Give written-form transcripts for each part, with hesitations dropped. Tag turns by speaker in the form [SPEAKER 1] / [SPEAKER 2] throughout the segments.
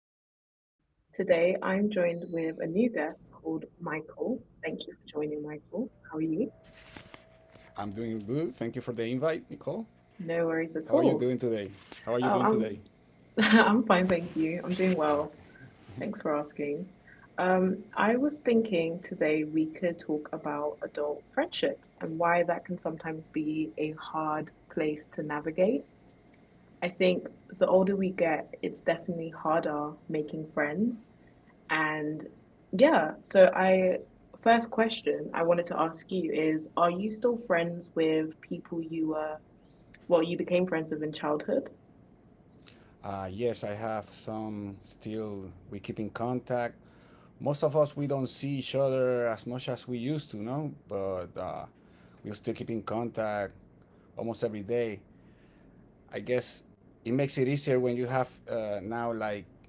[SPEAKER 1] conversation. Today, I'm joined with a new guest called Michael. Thank you for joining, Michael. How are you?
[SPEAKER 2] I'm doing good. Thank you for the invite, Nicole.
[SPEAKER 1] No worries
[SPEAKER 2] How are
[SPEAKER 1] at
[SPEAKER 2] you
[SPEAKER 1] all.
[SPEAKER 2] doing today? How are you
[SPEAKER 1] Oh,
[SPEAKER 2] doing
[SPEAKER 1] I'm
[SPEAKER 2] today?
[SPEAKER 1] I'm fine, thank you. I'm doing well.
[SPEAKER 2] Okay.
[SPEAKER 1] Thanks for asking. I was thinking today we could talk about adult friendships and why that can sometimes be a hard place to navigate. I think the older we get, it's definitely harder making friends. And yeah, so I first question I wanted to ask you is are you still friends with people you were well you became friends with in childhood?
[SPEAKER 2] Yes, I have some still. We keep in contact. Most of us we don't see each other as much as we used to, no. But we still keep in contact almost every day. I guess it makes it easier when you have now like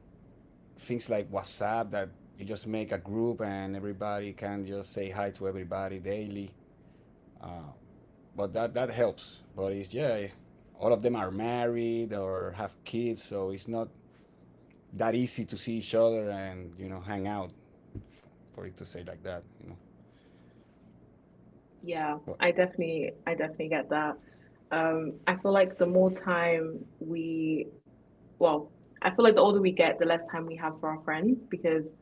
[SPEAKER 2] things like WhatsApp that you just make a group and everybody can just say hi to everybody daily. Uh, but that helps. But it's, yeah, all of them are married or have kids, so it's not that easy to see each other and hang out. For it to say like that,
[SPEAKER 1] Yeah, I
[SPEAKER 2] but
[SPEAKER 1] definitely I definitely get that. I feel like the more time we well, I feel like the older we get, the less time we have for our friends because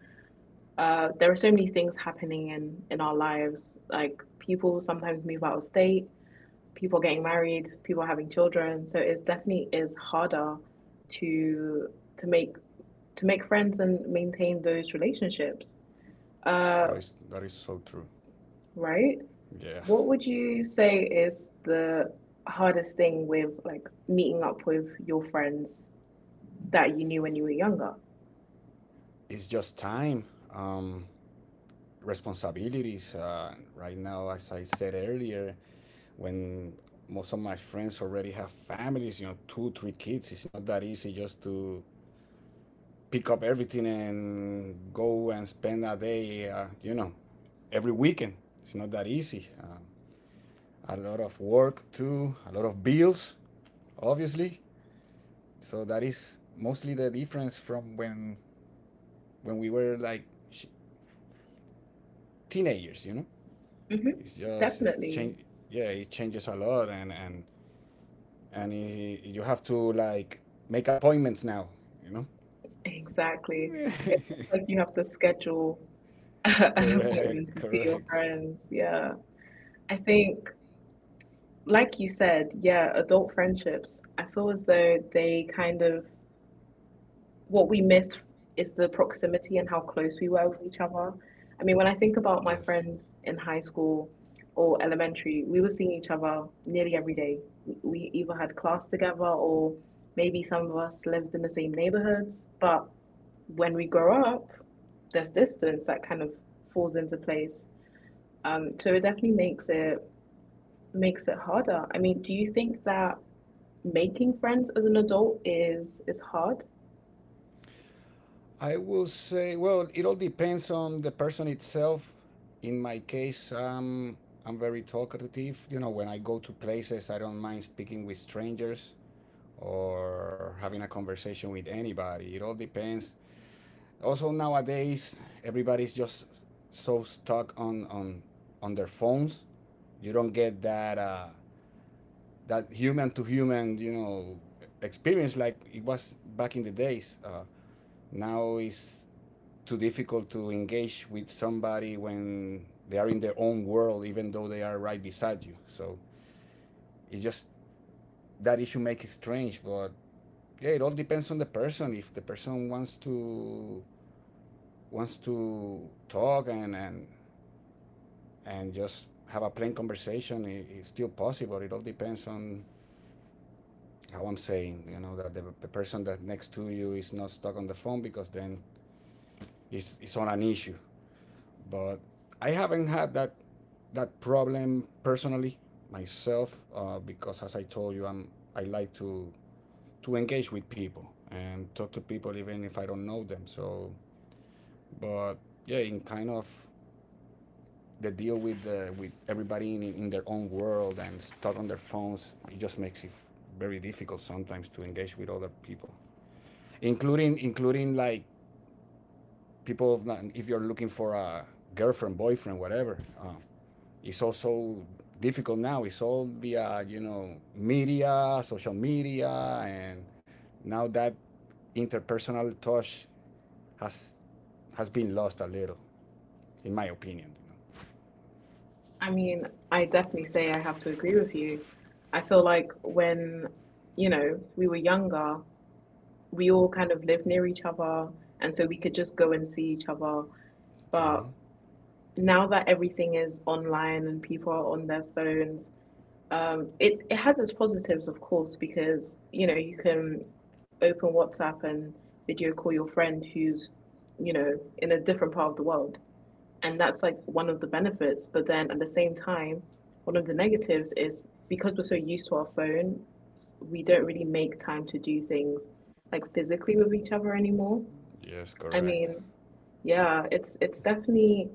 [SPEAKER 1] there are so many things happening in our lives. Like people sometimes move out of state, people getting married, people having children. So it definitely is harder to to make to make friends and maintain those relationships. Uh,
[SPEAKER 2] that is so true.
[SPEAKER 1] right? What
[SPEAKER 2] Yeah,
[SPEAKER 1] would you say is the hardest thing with like meeting up with your friends that you knew when you were younger?
[SPEAKER 2] it's just time, um, responsibilities. Right now, as I said earlier, when most of my friends already have families, you know, two, three kids, it's not that easy just to pick up everything and go and spend a day. Every weekend. It's not that easy. A lot of work too, a lot of bills, obviously. So that is mostly the difference from when we were like sh- teenagers.
[SPEAKER 1] hmm
[SPEAKER 2] It's
[SPEAKER 1] Definitely.
[SPEAKER 2] change. Yeah, it changes a lot, and and you have to like make appointments now, you know.
[SPEAKER 1] Exactly. It's just like you have to schedule an appointment to
[SPEAKER 2] Correct,
[SPEAKER 1] see your
[SPEAKER 2] correct.
[SPEAKER 1] friends. Yeah. I think, like you said, yeah, adult friendships, I feel as though they kind of what we miss is the proximity and how close we were with each other. I mean, when I think about my
[SPEAKER 2] Yes.
[SPEAKER 1] friends in high school or elementary, we were seeing each other nearly every day. We either had class together or maybe some of us lived in the same neighborhoods. But when we grow up, there's distance that kind of falls into place. So it definitely makes it harder. I mean, do you think that making friends as an adult is hard?
[SPEAKER 2] I will say, well, it all depends on the person itself. In my case, I'm very talkative. When I go to places, I don't mind speaking with strangers or having a conversation with anybody. It all depends. Also, nowadays, everybody's just so stuck on their phones. You don't get that human to human, experience like it was back in the days. Now is too difficult to engage with somebody when they are in their own world, even though they are right beside you. So it just that issue makes it strange, but yeah, it all depends on the person. If the person wants to talk and just have a plain conversation, it's still possible. It all depends on how I'm saying, that the person that next to you is not stuck on the phone because then it's on an issue. But I haven't had that problem personally myself, because, as I told you, I like to engage with people and talk to people even if I don't know them. So, but yeah, in kind of the deal with everybody in their own world and stuck on their phones, it just makes it very difficult sometimes to engage with other people, including like people have not- if you're looking for a girlfriend boyfriend whatever. It's also difficult now. It's all via, media, social media. And now that interpersonal touch has has been lost a little, in my opinion, you
[SPEAKER 1] I mean, I definitely say I have to agree with you. I feel like you know, we were younger, we all kind of lived near each other, and so we could just go and see each other.
[SPEAKER 2] know?
[SPEAKER 1] But
[SPEAKER 2] Mm-hmm.
[SPEAKER 1] now that everything is online and people are on their phones, it has its positives, of course, because, you know, you can open WhatsApp and video call your friend who's, you know, in a different part of the world, and that's like one of the benefits. But then at the same time, one of the negatives is because we're so used to our phone, we don't really make time to do things like physically with each other anymore.
[SPEAKER 2] Yes,
[SPEAKER 1] I mean,
[SPEAKER 2] correct.
[SPEAKER 1] yeah, it's definitely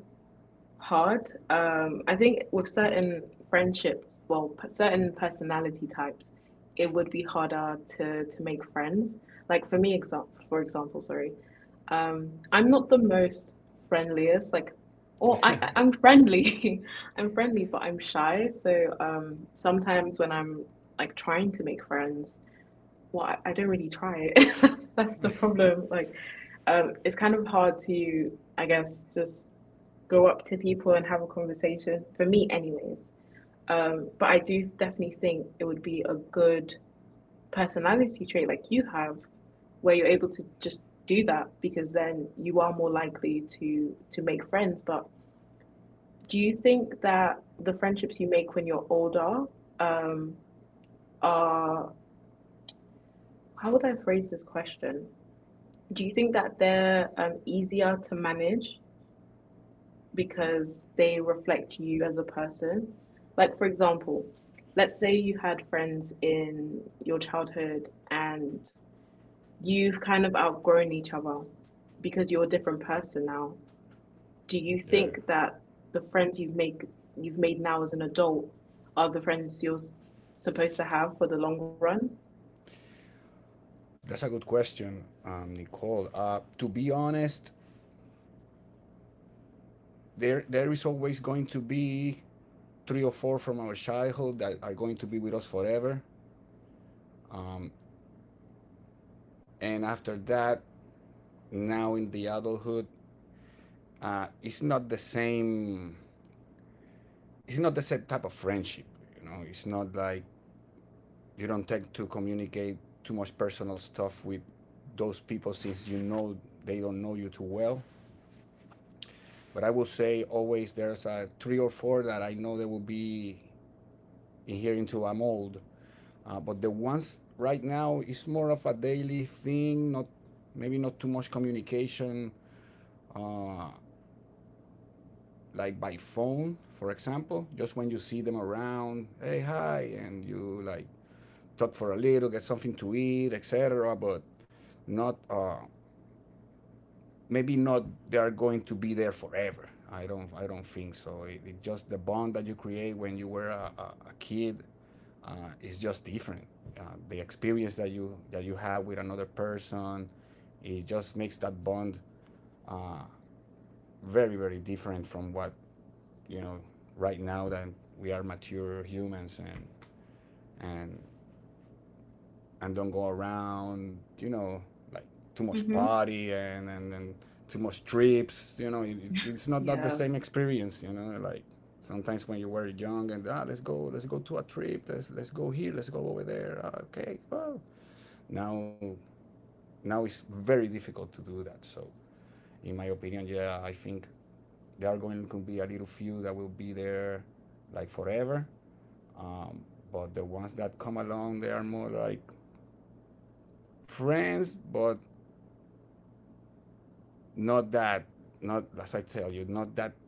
[SPEAKER 1] hard. I think with certain certain personality types, it would be harder to make friends. Like for me, for example, sorry, I'm not the most friendliest. Like,
[SPEAKER 2] Yeah,
[SPEAKER 1] I'm friendly, I'm friendly, but I'm shy. So sometimes when I'm like trying to make friends, I don't really try it. That's the problem. Like, it's kind of hard to, I guess, just go up to people and have a conversation for me anyways. Um, but I do definitely think it would be a good personality trait like you have, where you're able to just do that, because then you are more likely to make friends. But do you think that the friendships you make when you're older um are how would I phrase this question do you think that they're easier to manage because they reflect you as a person? Like, for example, let's say you had friends in your childhood and you've kind of outgrown each other because you're a different person now. Do you think that the friends you've make you've made now as an adult are the friends you're supposed to have for the long run?
[SPEAKER 2] that's a good question, Nicole, to be honest, there is always going to be three or four from our childhood that are going to be with us forever. Um, and after that, now in the adulthood, it's not the same. It's not the same type of friendship. It's not like you don't tend to communicate too much personal stuff with those people since you know they don't know you too well. But I will say always there's a three or four that I know they will be in here until I'm old. But the ones right now is more of a daily thing, not maybe not too much communication, uh, like by phone, for example. Just when you see them around, hey hi, and you like talk for a little, get something to eat, etc. But not, maybe not they are going to be there forever. I don't think so. It just the bond that you create when you were a kid, it's just different. Uh, the experience that you have with another person, it just makes that bond uh, very very different from what you know right now that we are mature humans and and and don't go around, you know, like too much
[SPEAKER 1] Mm-hmm.
[SPEAKER 2] party and too much trips, it's not that
[SPEAKER 1] Yeah,
[SPEAKER 2] the same experience, like sometimes when you were young and let's go to a trip, let's go here, let's go over there, okay, well, now Now it's very difficult to do that. So, in my opinion, yeah, I think there are going to be a little few that will be there like forever. Um, but the ones that come along, they are more like friends, but not that, not as I tell you, not that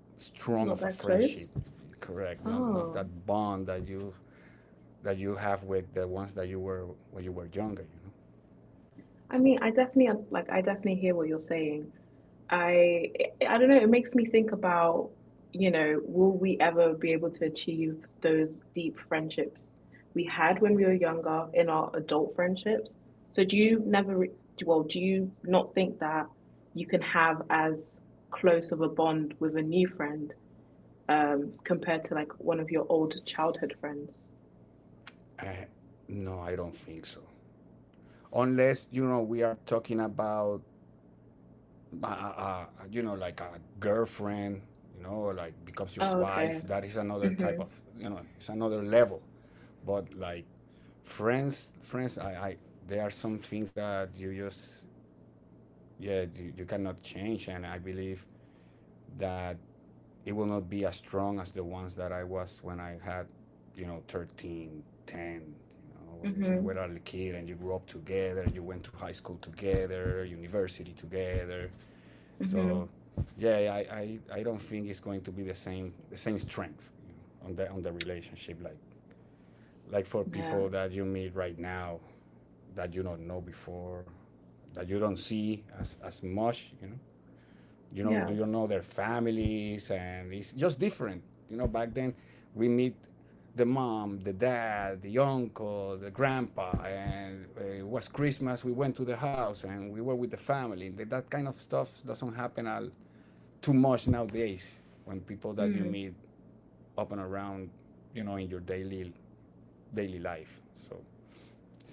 [SPEAKER 1] not
[SPEAKER 2] strong of a
[SPEAKER 1] that close.
[SPEAKER 2] friendship. Correct. Not
[SPEAKER 1] Oh,
[SPEAKER 2] that bond that you have with the ones that you were when you were younger. You
[SPEAKER 1] I mean, I definitely hear what you're saying. I I don't know, it makes me think about, you know, will we ever be able to achieve those deep friendships we had when we were younger in our adult friendships? So do you never re- well, do you not think that you can have as close of a bond with a new friend compared to like one of your old childhood friends?
[SPEAKER 2] know. No, I don't think so. Unless we are talking about like a girlfriend, or like becomes
[SPEAKER 1] Oh,
[SPEAKER 2] your
[SPEAKER 1] okay.
[SPEAKER 2] wife. That is another
[SPEAKER 1] Mm-hmm.
[SPEAKER 2] type of, it's another level. But like friends, friends, I there are some things that you just, yeah, you cannot change. And I believe that it will not be as strong as the ones that I was when I had, 13, 10, when we
[SPEAKER 1] Mm-hmm.
[SPEAKER 2] were a little kid and you grew up together, you went through high school together, university together,
[SPEAKER 1] Mm-hmm.
[SPEAKER 2] so, yeah, I don't think it's going to be the same strength, on the relationship like for
[SPEAKER 1] Yeah.
[SPEAKER 2] people that you meet right now that you don't know before that you don't see as much
[SPEAKER 1] Yeah.
[SPEAKER 2] do you know their families, and it's just different. Back then we meet the mom, the dad, the uncle, the grandpa, and it was Christmas, we went to the house and we were with the family that kind of stuff doesn't happen too much nowadays when people that you
[SPEAKER 1] Mm.
[SPEAKER 2] meet up and around, in your daily life. So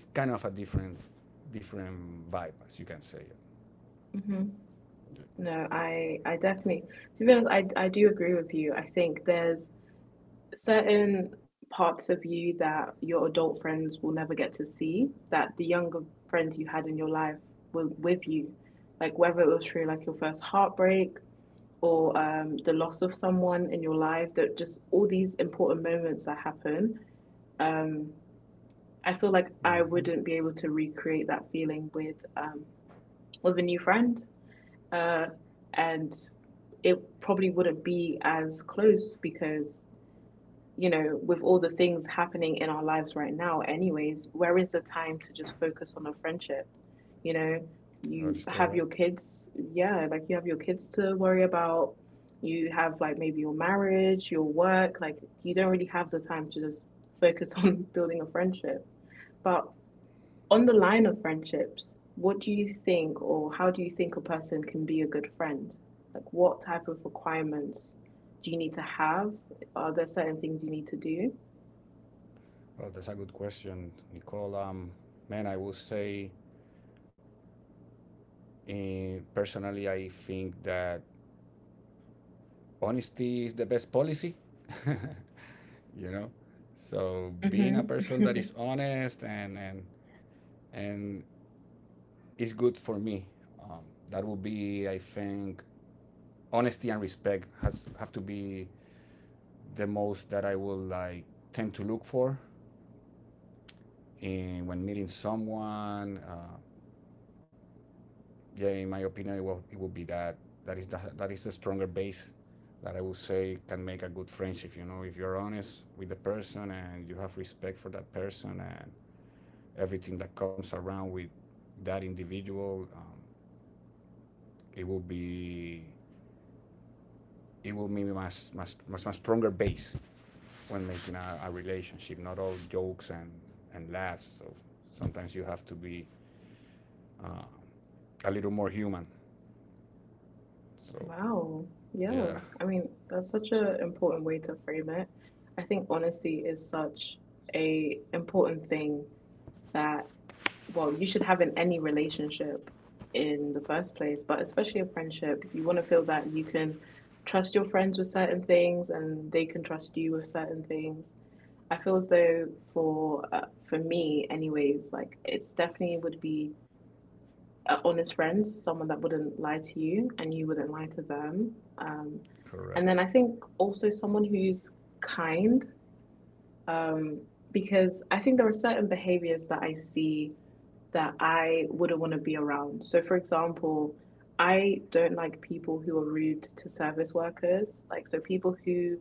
[SPEAKER 2] it's kind of a different vibe, as you can say.
[SPEAKER 1] Hmm.
[SPEAKER 2] Yeah.
[SPEAKER 1] No, I definitely, to be honest, I do agree with you. I think there's certain parts of you that your adult friends will never get to see that the younger friends you had in your life were with you. Like whether it was through like your first heartbreak or the loss of someone in your life, that just all these important moments that happen. Um, I feel like I
[SPEAKER 2] Mm-hmm.
[SPEAKER 1] wouldn't be able to recreate that feeling um with a new friend. uh, and it probably wouldn't be as close because you know with all the things happening in our lives right now anyways, where is the time to just focus on a friendship? You know,
[SPEAKER 2] That
[SPEAKER 1] you
[SPEAKER 2] is
[SPEAKER 1] have your
[SPEAKER 2] correct.
[SPEAKER 1] kids. Yeah, like you have your kids to worry about, you have like maybe your marriage, your work, like you don't really have the time to just focus on building a friendship. But on the line of friendships, what do you think, or how do you think a person can be a good friend? Like, what type of requirements do you need to have? Are there certain things you need to do?
[SPEAKER 2] Well, that's a good question, Nicole. Man, I will say, personally, I think that honesty is the best policy. you know, so being a person that
[SPEAKER 1] Hmm.
[SPEAKER 2] is honest and is good for me. Um, that would be, I think, honesty and respect has have to be the most that I will like tend to look for in when meeting someone. Yeah, in my opinion, it will be that. That is the stronger base that I would say can make a good friendship. If you're honest with the person and you have respect for that person and everything that comes around with that individual, it will be it will be my stronger base when making a relationship, not all jokes and laughs. So sometimes you have to be uh, a little more human. So,
[SPEAKER 1] Wow. Yeah.
[SPEAKER 2] yeah,
[SPEAKER 1] I mean, that's such an important way to frame it. I think honesty is such a important thing that well, you should have in any relationship in the first place, but especially a friendship. You want to feel that you can trust your friends with certain things and they can trust you with certain things. I feel as though for uh, for me anyways, like it's definitely would be an honest friend, someone that wouldn't lie to you and you wouldn't lie to them. And then I
[SPEAKER 2] correct.
[SPEAKER 1] think also someone who's kind um, because I think there are certain behaviors that I see that I wouldn't want to be around. So, for example, I don't like people who are rude to service workers. Like, so people who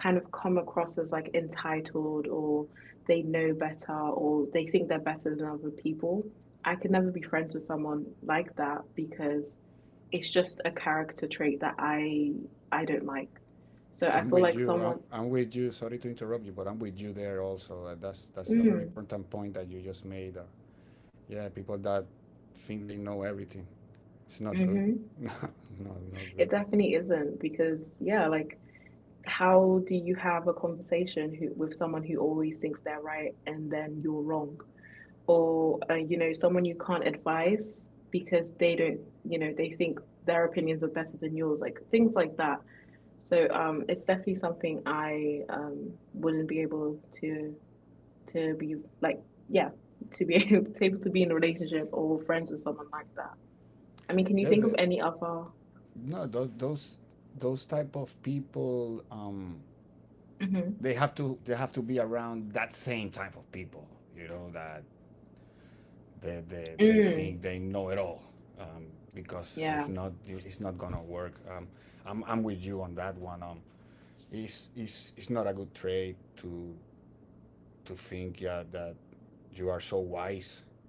[SPEAKER 1] kind of come across as like entitled or they know better or they think they're better than other people. I can never be friends with someone like that because it's just a character trait that I don't like. So I feel
[SPEAKER 2] I'm
[SPEAKER 1] like
[SPEAKER 2] with you.
[SPEAKER 1] someone
[SPEAKER 2] I'm with you. Sorry to interrupt you, but I'm with you there also. That's a
[SPEAKER 1] mm,
[SPEAKER 2] very important point that you just made. Yeah, people that think they know everything. It's not good.
[SPEAKER 1] hmm.
[SPEAKER 2] No, not
[SPEAKER 1] It
[SPEAKER 2] good.
[SPEAKER 1] definitely isn't because yeah, like how do you have a conversation with someone who always thinks they're right and then you're wrong or you know someone you can't advise because they don't you know they think their opinions are better than yours like things like that. So it's definitely something I wouldn't be able to be like yeah to be able to be in a relationship or friends with someone like that. I mean, can you think of
[SPEAKER 2] Yes,
[SPEAKER 1] any other
[SPEAKER 2] no, those type of people.
[SPEAKER 1] mm-hmm.
[SPEAKER 2] They have to be around that same type of people, you know, that they
[SPEAKER 1] Mm,
[SPEAKER 2] think they know it all, um,
[SPEAKER 1] yeah,
[SPEAKER 2] because if not, it's not gonna work. I'm with you on that one, it's not a good trait to think, yeah, that you are so wise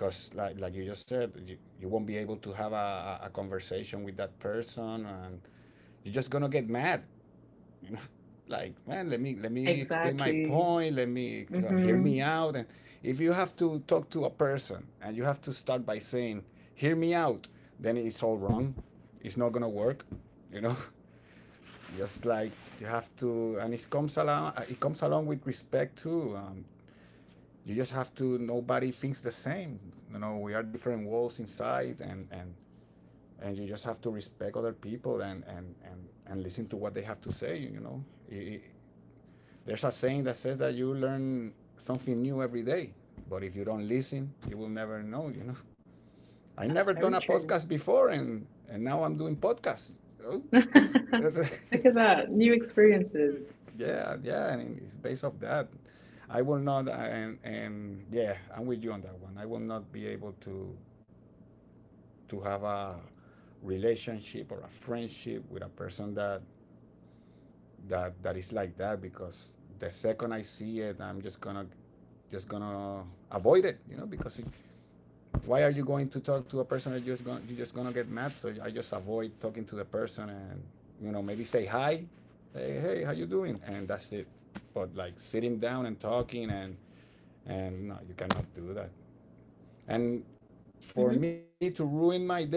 [SPEAKER 2] because like you just said, you won't be able to have a conversation with that person and you're just gonna get mad. Like, man, let me explain my
[SPEAKER 1] exactly.
[SPEAKER 2] point. Let me
[SPEAKER 1] Mm-hmm.
[SPEAKER 2] hear me out. And if you have to talk to a person and you have to start by saying, hear me out, then it's all wrong, it's not gonna work you know just like, you have to, and it comes along with respect too, you just have to. Nobody thinks the same, you know, we are different walls inside, and and you just have to respect other people and listen to what they have to say it, there's a saying that says that you learn something new every day, but if you don't listen, you will never know. I
[SPEAKER 1] That's
[SPEAKER 2] never
[SPEAKER 1] very
[SPEAKER 2] done a
[SPEAKER 1] true.
[SPEAKER 2] podcast before, and now I'm doing podcasts. Oh,
[SPEAKER 1] Look
[SPEAKER 2] you know,
[SPEAKER 1] at that. New experiences.
[SPEAKER 2] yeah, yeah, and it's based off that. I will not, and yeah, I'm with you on that one. I will not be able to have a relationship or a friendship with a person that is like that, because the second I see it, I'm just gonna avoid it, you know, because if, why are you going to talk to a person that you're just gonna get mad? So I just avoid talking to the person, and you know, maybe say hi, hey how you doing, and that's it. But like sitting down and talking, and no, you cannot do that. And for
[SPEAKER 1] Hmm.
[SPEAKER 2] me to ruin my day,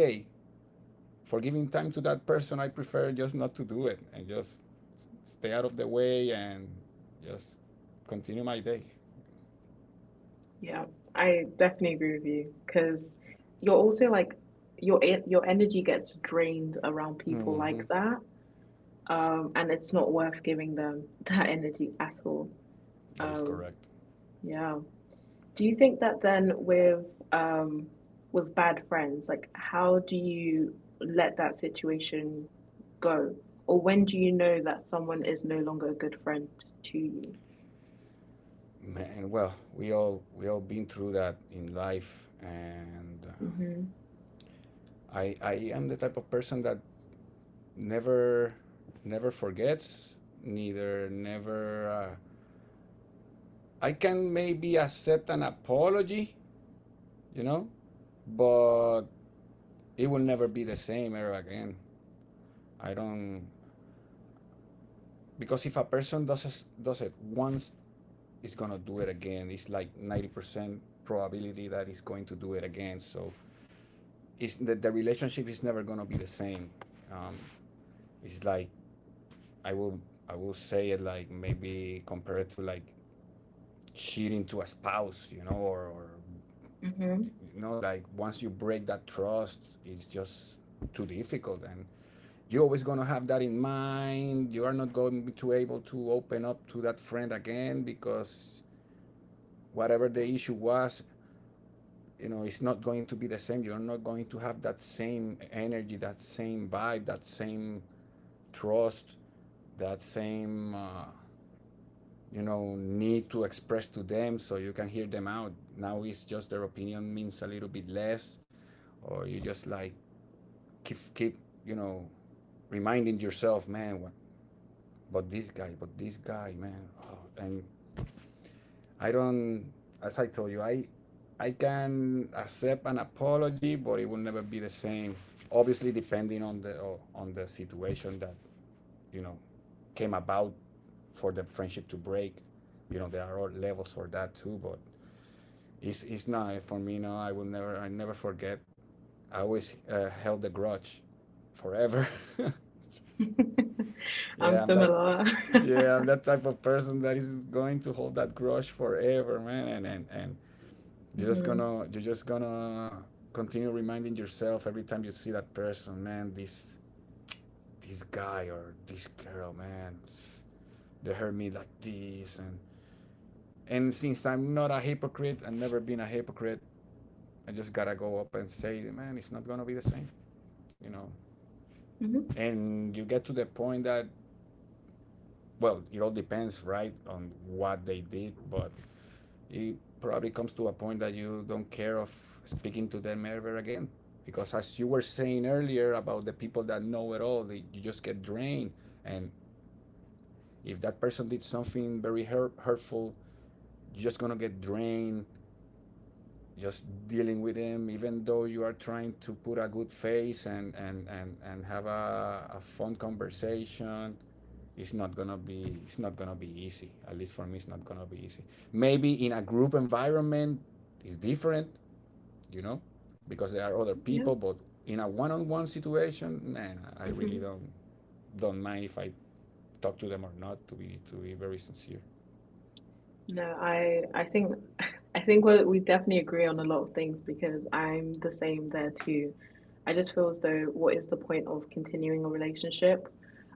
[SPEAKER 2] for giving time to that person, I prefer just not to do it and just stay out of the way and just continue my day.
[SPEAKER 1] Yeah, I definitely agree with you because you're also like your your energy gets drained around people like
[SPEAKER 2] Mm-hmm.
[SPEAKER 1] that, and it's not worth giving them that energy at all.
[SPEAKER 2] That is
[SPEAKER 1] Um,
[SPEAKER 2] correct.
[SPEAKER 1] yeah, do you think that then um with bad friends, like how do you let that situation go? Or when do you know that someone is no longer a good friend to you?
[SPEAKER 2] Man, well, we all been through that in life, and
[SPEAKER 1] Mm-hmm.
[SPEAKER 2] I am the type of person that never never forgets, neither never. I can maybe accept an apology, you know, but it will never be the same ever again. I don't, because if a person does it once, it's gonna do it again. It's like 90% probability that he's going to do it again, so the relationship is never gonna be the same. um, it's like i will I will say it, like maybe compare it to like cheating to a spouse, you know, or,
[SPEAKER 1] Mm-hmm.
[SPEAKER 2] you know, like once you break that trust, it's just too difficult, and you're always going to have that in mind. You are not going to be able to open up to that friend again, because whatever the issue was, you know, it's not going to be the same. You're not going to have that same energy, that same vibe, that same trust, that same you know, need to express to them, so you can hear them out. Now it's just their opinion means a little bit less, or you just like keep, you know, reminding yourself, man, but this guy, man, oh, and I don't, as I told you, I can accept an apology, but it will never be the same. Obviously, depending on the situation that, you know, came about for the friendship to break. You know, there are levels for that, too. But it's not, for me. No, I will never. I never forget. I always held the grudge, forever.
[SPEAKER 1] I'm
[SPEAKER 2] Yeah, I'm that.
[SPEAKER 1] similar.
[SPEAKER 2] Yeah, I'm that type of person that is going to hold that grudge forever, man. And you're just
[SPEAKER 1] Mm-hmm.
[SPEAKER 2] gonna continue reminding yourself every time you see that person. Man, this guy or this girl, man, they hurt me like this, and since I'm not a hypocrite, I've never been a hypocrite, I just gotta go up and say, man, it's not gonna be the same, you know.
[SPEAKER 1] Mm-hmm.
[SPEAKER 2] And you get to the point that, well, it all depends, right, on what they did, but it probably comes to a point that you don't care of speaking to them ever again, because as you were saying earlier, about the people that know it all, they, you just get drained. And if that person did something very hurtful, you're just gonna get drained just dealing with them, even though you are trying to put a good face, and and have a fun conversation. It's not gonna be easy, at least for me, it's not gonna be easy. Maybe in a group environment it's different, you know, because there are other
[SPEAKER 1] Yeah.
[SPEAKER 2] people. But in a one-on-one situation, man, I really
[SPEAKER 1] Mm-hmm.
[SPEAKER 2] don't mind if I talk to them or not. To be very sincere.
[SPEAKER 1] No, I think I think we definitely agree on a lot of things because I'm the same there too. I just feel as though what is the point of continuing a relationship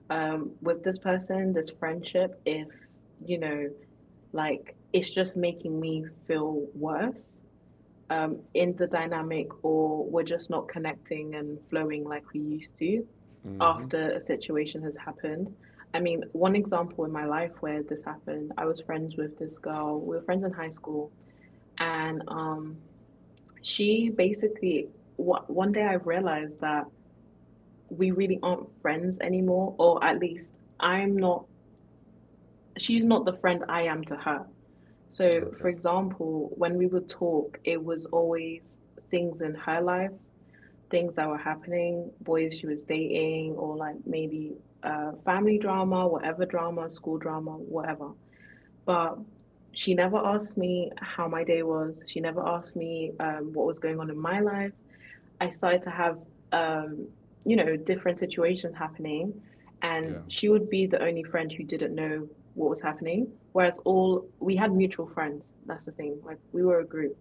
[SPEAKER 1] with this person, this friendship, if you know, like it's just making me feel worse in the dynamic or we're just not connecting and flowing like we used to
[SPEAKER 2] Mm-hmm.
[SPEAKER 1] after a situation has happened. I mean, one example in my life where this happened, I was friends with this girl. We were friends in high school, and she basically, one day I realized that we really aren't friends anymore, or at least I'm not, she's not the friend I am to her. So, for
[SPEAKER 2] Okay.
[SPEAKER 1] example, when we would talk, it was always things in her life, things that were happening, boys she was dating, or like maybe family drama, whatever drama, school drama, whatever. But she never asked me how my day was. She never asked me what was going on in my life. I started to have, um, you know, different situations happening, and
[SPEAKER 2] Yeah.
[SPEAKER 1] she would be the only friend who didn't know what was happening. Whereas all we had mutual friends. That's the thing. Like we were a group.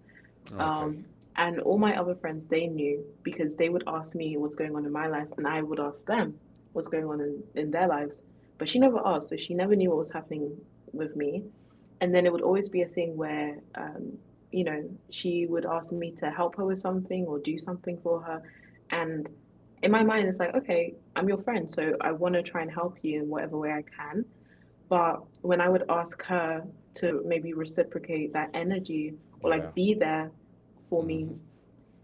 [SPEAKER 1] Um,
[SPEAKER 2] Okay.
[SPEAKER 1] and all my other friends, they knew because they would ask me what's going on in my life, and I would ask them what's going on in their lives. But she never asked, so she never knew what was happening with me. And then it would always be a thing where, she would ask me to help her with something or do something for her. And in my mind, it's like, okay, I'm your friend, so I want to try and help you in whatever way I can. But when I would ask her to maybe reciprocate that energy or like
[SPEAKER 2] Yeah.
[SPEAKER 1] be there for me,
[SPEAKER 2] Mm-hmm.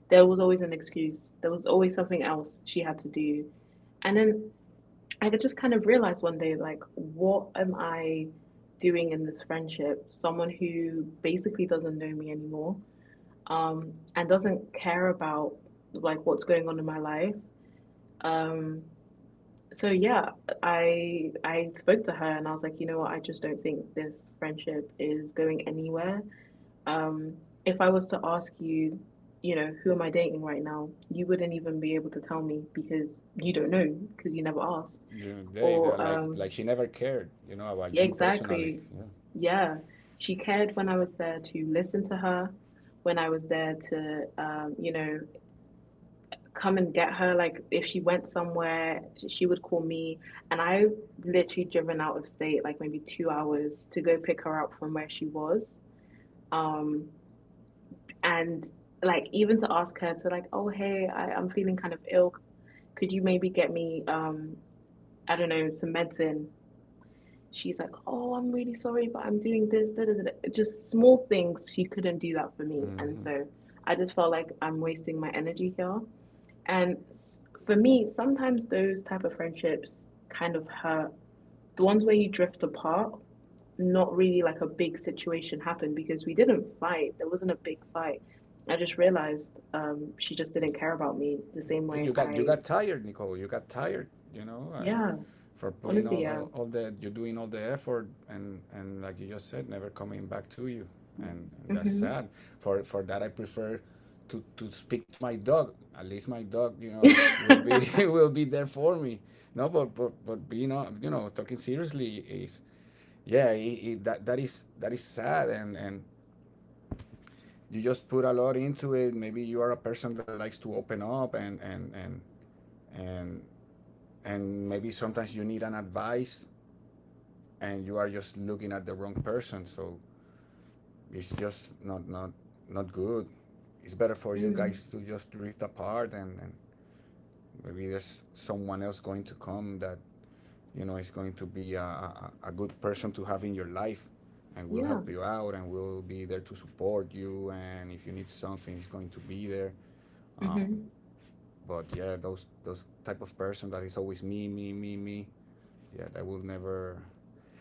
[SPEAKER 1] there was always an excuse. There was always something else she had to do. And then I could just kind of realize one day, like, what am I doing in this friendship? Someone who basically doesn't know me anymore and doesn't care about like what's going on in my life. Um, so yeah, I spoke to her and I was like, you know what, I just don't think this friendship is going anywhere. Um, if I was to ask you, you know, who am I dating right now, you wouldn't even be able to tell me because you don't know because you never asked.
[SPEAKER 2] Yeah,
[SPEAKER 1] Or
[SPEAKER 2] they're like she never cared, you know,
[SPEAKER 1] yeah,
[SPEAKER 2] about you
[SPEAKER 1] exactly,
[SPEAKER 2] personally. Yeah.
[SPEAKER 1] yeah. She cared when I was there to listen to her, when I was there to come and get her. Like if she went somewhere, she would call me. And I literally driven out of state like maybe 2 hours to go pick her up from where she was. Um, and like even to ask her to like, oh hey, I'm feeling kind of ill. Could you maybe get me I don't know, some medicine? She's like, oh, I'm really sorry, but I'm doing this, da, da, da, just small things. She couldn't do that for me, and
[SPEAKER 2] Mm-hmm.
[SPEAKER 1] so I just felt like I'm wasting my energy here. And for me, sometimes those type of friendships kind of hurt. The ones where you drift apart, not really like a big situation happened because we didn't fight. There wasn't a big fight. I just realized she just didn't care about me the same way I,
[SPEAKER 2] You got tired, Nicole. You got tired. You know,
[SPEAKER 1] yeah,
[SPEAKER 2] for
[SPEAKER 1] honestly,
[SPEAKER 2] putting
[SPEAKER 1] yeah.
[SPEAKER 2] all the you're doing all the effort, and like you just said, never coming back to you, and that's
[SPEAKER 1] Mm-hmm.
[SPEAKER 2] sad. For that, I prefer to speak to my dog. At least my dog, you know, will be will be there for me. No, but being on, you know, talking seriously, is, yeah, that that is sad, and you just put a lot into it. Maybe you are a person that likes to open up, and and maybe sometimes you need an advice, and you are just looking at the wrong person. So it's just not good. It's better for you
[SPEAKER 1] Mm,
[SPEAKER 2] guys to just drift apart, and maybe there's someone else going to come that, you know, is going to be a good person to have in your life, and will
[SPEAKER 1] yeah.
[SPEAKER 2] help you out, and will be there to support you, and if you need something, it's going to be there. Um,
[SPEAKER 1] Mm-hmm.
[SPEAKER 2] but yeah, those type of person that is always me, me, me, me. Yeah, that will never.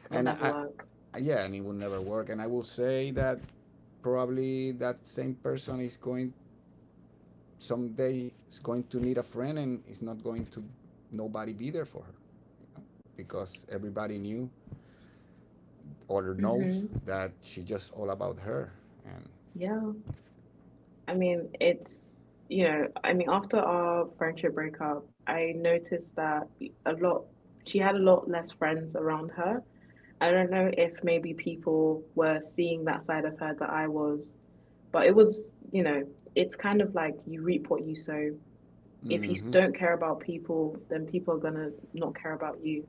[SPEAKER 1] It'll
[SPEAKER 2] And
[SPEAKER 1] never work.
[SPEAKER 2] I yeah, and it will never work. And I will say that probably that same person is going someday is going to need a friend, and it's not going to, nobody be there for her, because everybody knew or
[SPEAKER 1] Mm-hmm.
[SPEAKER 2] knows that she just all about her. And
[SPEAKER 1] Yeah. I mean, it's, I mean, after our friendship breakup, I noticed that a lot, she had a lot less friends around her. I don't know if maybe people were seeing that side of her that I was, but it was, you know, it's kind of like you reap what you sow. If you
[SPEAKER 2] mm-hmm.
[SPEAKER 1] don't care about people, then people are gonna not care about you.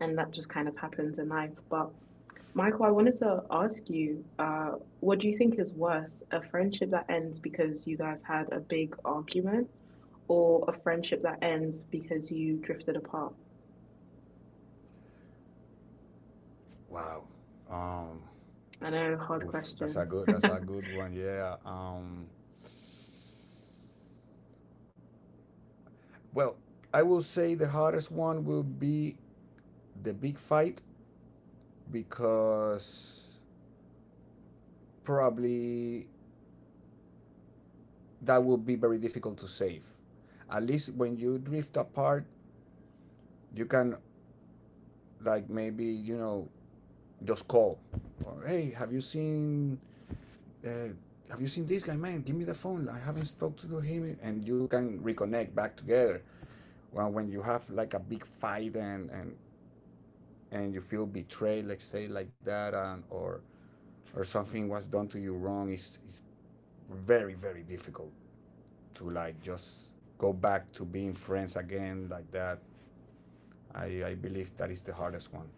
[SPEAKER 1] And that just kind of happens in life. But Michael, I wanted to ask you, what do you think is worse, a friendship that ends because you guys had a big argument, or a friendship that ends because you drifted apart?
[SPEAKER 2] Wow. um
[SPEAKER 1] I know, hard
[SPEAKER 2] Oof, that's
[SPEAKER 1] question.
[SPEAKER 2] a good one. Yeah. Well, I will say the hardest one will be the big fight, because probably that would be very difficult to save. At least when you drift apart, you can, like, maybe, you know, just call. Or, hey, have you seen? Uh, have you seen this guy, man? Give me the phone. I haven't spoken to him, and you can reconnect back together. Well, when you have like a big fight, and you feel betrayed, let's say, like that, and or something was done to you wrong, it's very, very difficult to, like, just go back to being friends again, like that. I believe that is the hardest one,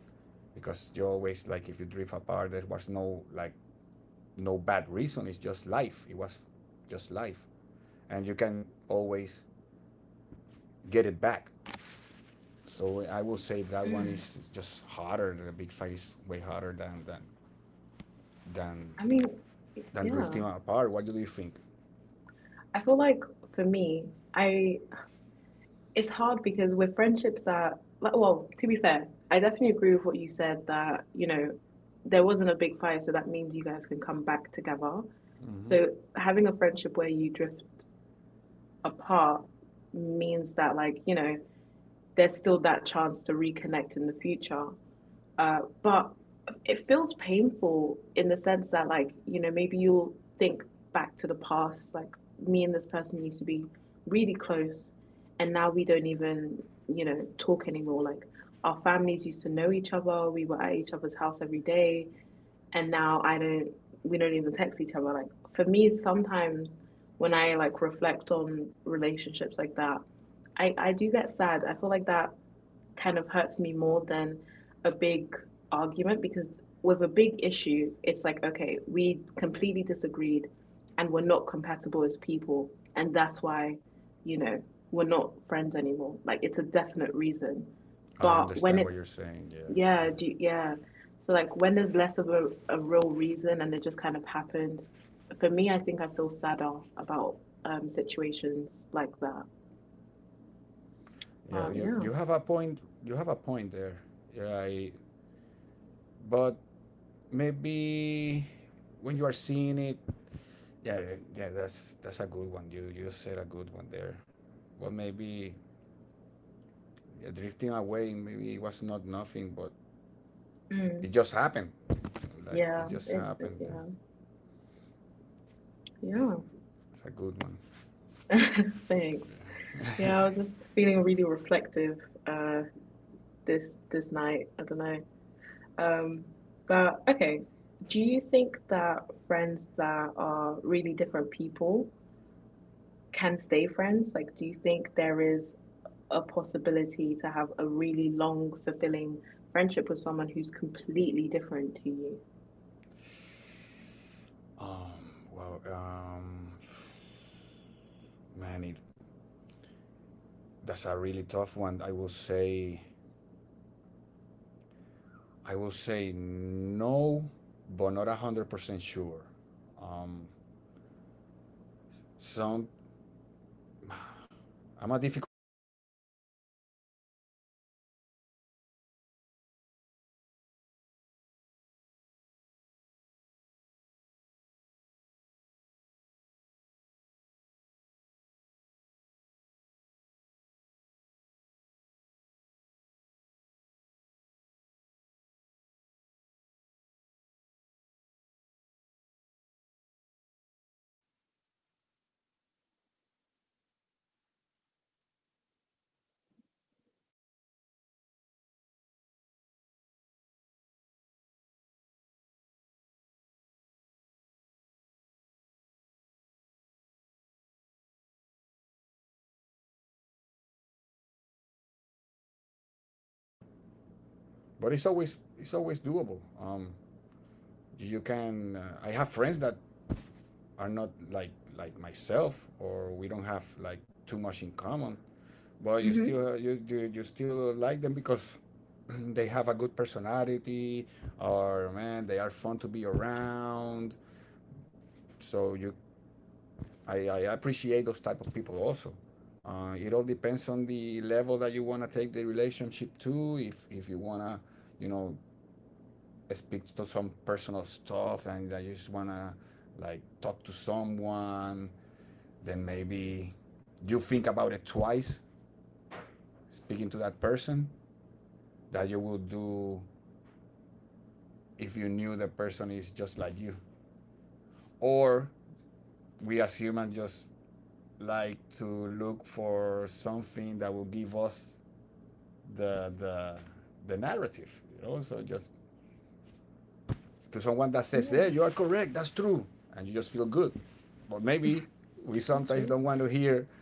[SPEAKER 2] because you always, like, if you drift apart there was no, like, no bad reason, it's just life, it was just life, and you can always get it back. So I will say that one
[SPEAKER 1] Hmm.
[SPEAKER 2] is just harder, the big fight is way harder than than,
[SPEAKER 1] I mean,
[SPEAKER 2] than
[SPEAKER 1] yeah.
[SPEAKER 2] drifting apart. What do you think?
[SPEAKER 1] I feel like for me, I it's hard because with friendships that, like, well, to be fair, I definitely agree with what you said that, you know, there wasn't a big fight, so that means you guys can come back together.
[SPEAKER 2] Mm-hmm.
[SPEAKER 1] So having a friendship where you drift apart means that, like, you know, there's still that chance to reconnect in the future, but it feels painful in the sense that, like, you know, maybe you'll think back to the past, like, me and this person used to be really close, and now we don't even, you know, talk anymore, like our families used to know each other, we were at each other's house every day, and now I don't we don't even text each other. Like for me sometimes when I like reflect on relationships like that, I do get sad. I feel like that kind of hurts me more than a big argument because with a big issue, it's like, okay, we completely disagreed and we're not compatible as people. And that's why, you know, we're not friends anymore. Like, it's a definite reason.
[SPEAKER 2] I
[SPEAKER 1] But when
[SPEAKER 2] understand what
[SPEAKER 1] it's,
[SPEAKER 2] you're saying, yeah,
[SPEAKER 1] yeah,
[SPEAKER 2] yeah.
[SPEAKER 1] yeah. So, like, when there's less of a real reason and it just kind of happened, for me, I think I feel sadder about situations like that. But
[SPEAKER 2] Yeah,
[SPEAKER 1] yeah.
[SPEAKER 2] you have a point, you have a point there, yeah. But maybe when you are seeing it, yeah, yeah, yeah, that's a good one. You said a good one there. Well, maybe, yeah, drifting away, maybe it was not nothing, but
[SPEAKER 1] Mm.
[SPEAKER 2] it just happened. Like
[SPEAKER 1] Yeah,
[SPEAKER 2] it just happened.
[SPEAKER 1] yeah.
[SPEAKER 2] Yeah,
[SPEAKER 1] Yeah,
[SPEAKER 2] yeah, it's a good one.
[SPEAKER 1] thanks. Yeah,
[SPEAKER 2] Yeah.
[SPEAKER 1] I was just feeling really reflective uh this night. I don't know. Um, but okay. Do you think that friends that are really different people can stay friends? Like, do you think there is a possibility to have a really long, fulfilling friendship with someone who's completely different to you?
[SPEAKER 2] um, well, man, that's a really tough one. I will say no, but not 100% sure. Um, some, I'm a difficult person myself, and I know that. So maybe dealing with myself is not too, it's not too easy. But I will say that, well, it can be done, but man, it's a little bit harder. um, you just have to, you know, keep an open mind, and try to base on it, on having fun, and laughing, and and then, you know, you can, like, get into more serious topics, more serious discussions. But I will say that, yeah, it's kind of difficult, yeah. But it's always doable. You can. I have friends that are not like myself, or we don't have like too much in common, but
[SPEAKER 1] Mm-hmm.
[SPEAKER 2] you still like them, because they have a good personality, or, man, they are fun to be around. So I appreciate those type of people, also. It all depends on the level that you want to take the relationship to. If you wanna, you know, speak to some personal stuff, and that you just wanna like talk to someone, then maybe you think about it twice speaking to that person, that you would do if you knew the person is just like you. Or, we as humans just like to look for something that will give us the narrative. You know, so just to someone that says,
[SPEAKER 1] Yeah,
[SPEAKER 2] "Yeah, you are correct. That's true," and you just feel good. But maybe we
[SPEAKER 1] that's true.
[SPEAKER 2] sometimes don't want to hear,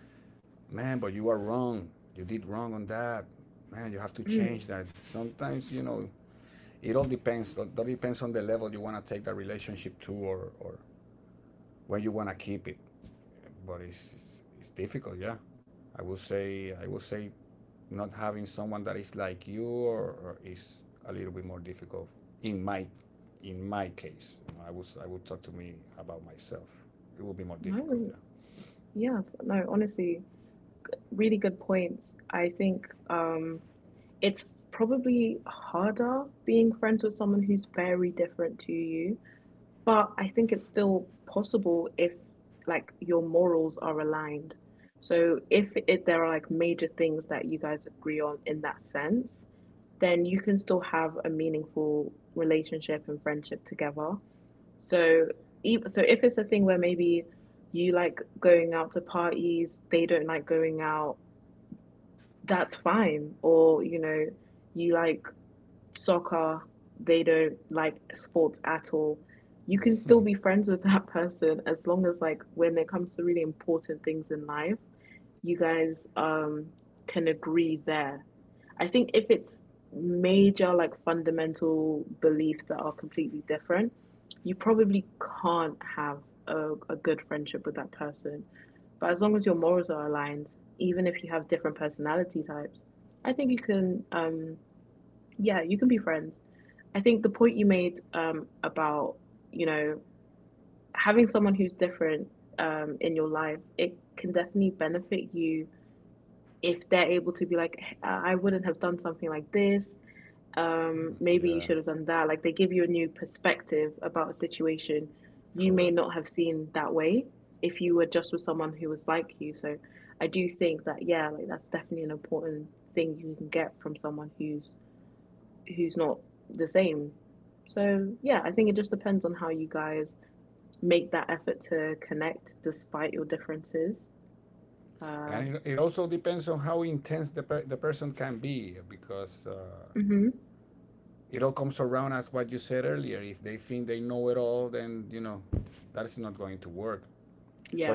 [SPEAKER 2] "Man, but you are wrong. You did wrong on that. Man, you have to
[SPEAKER 1] Mm.
[SPEAKER 2] change that." Sometimes, you know, it all depends. It all depends on the level you want to take that relationship to, or when you want to keep it. But it's difficult. Yeah, I would say not having someone that is like you or is a little bit more difficult in my in my case. You know, I would talk to me about myself. It would be more difficult.
[SPEAKER 1] No, yeah, no, honestly, really good points. I think it's probably harder being friends with someone who's very different to you, but I think it's still possible if like your morals are aligned. So if it, there are like major things that you guys agree on in that sense, then you can still have a meaningful relationship and friendship together. So so if it's a thing where maybe you like going out to parties, they don't like going out, that's fine, or you know, you like soccer, they don't like sports at all, you can still be friends with that person as long as like when it comes to really important things in life, you guys can agree there. I think if it's major like fundamental beliefs that are completely different, you probably can't have a good friendship with that person. But as long as your morals are aligned, even if you have different personality types, I think you can yeah, you can be friends. I think the point you made about, you know, having someone who's different in your life, it can definitely benefit you if they're able to be like, I wouldn't have done something like this. Maybe
[SPEAKER 2] Yeah,
[SPEAKER 1] you
[SPEAKER 2] yeah,
[SPEAKER 1] should have done that. Like they give you a new perspective about a situation you may not
[SPEAKER 2] correct.
[SPEAKER 1] have seen that way if you were just with someone who was like you. So I do think that, yeah, like that's definitely an important thing you can get from someone who's not the same. So, yeah, I think it just depends on how you guys make that effort to connect despite your differences. Um,
[SPEAKER 2] And it also depends on how intense the person can be because.
[SPEAKER 1] mhm.
[SPEAKER 2] It all comes around as what you said earlier. If they think they know it all, then you know that is not going to work.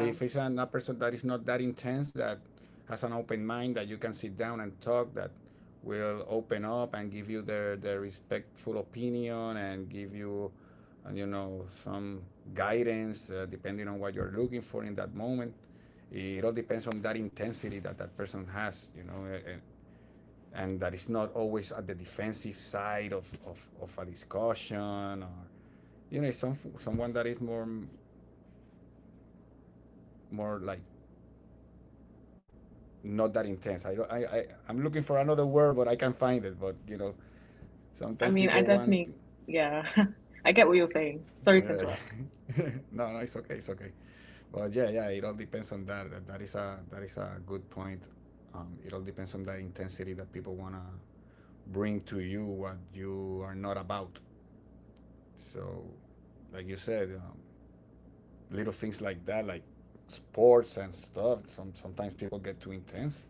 [SPEAKER 2] But if it's a person that is not that intense, that has an open mind, that you can sit down and talk, that will open up and give you their respectful opinion and give you, you know, some guidance, depending on what you're looking for in that moment. It all depends on that intensity that that person has, you know, and that is not always at the defensive side of a discussion, or, you know, it's someone that is more like not that intense. I don't. I'm looking for another word, but I can't find it. But you know,
[SPEAKER 1] I
[SPEAKER 2] sometimes
[SPEAKER 1] mean, I
[SPEAKER 2] people want.
[SPEAKER 1] definitely, yeah, I get what you're saying. Sorry to
[SPEAKER 2] Yeah.
[SPEAKER 1] interrupt.
[SPEAKER 2] No, no, it's okay. It's okay. But yeah, yeah. It all depends on that. That is a good point. It all depends on that intensity that people wanna bring to you what you are not about. So, like you said, little things like that, like sports and stuff. Sometimes people get too intense.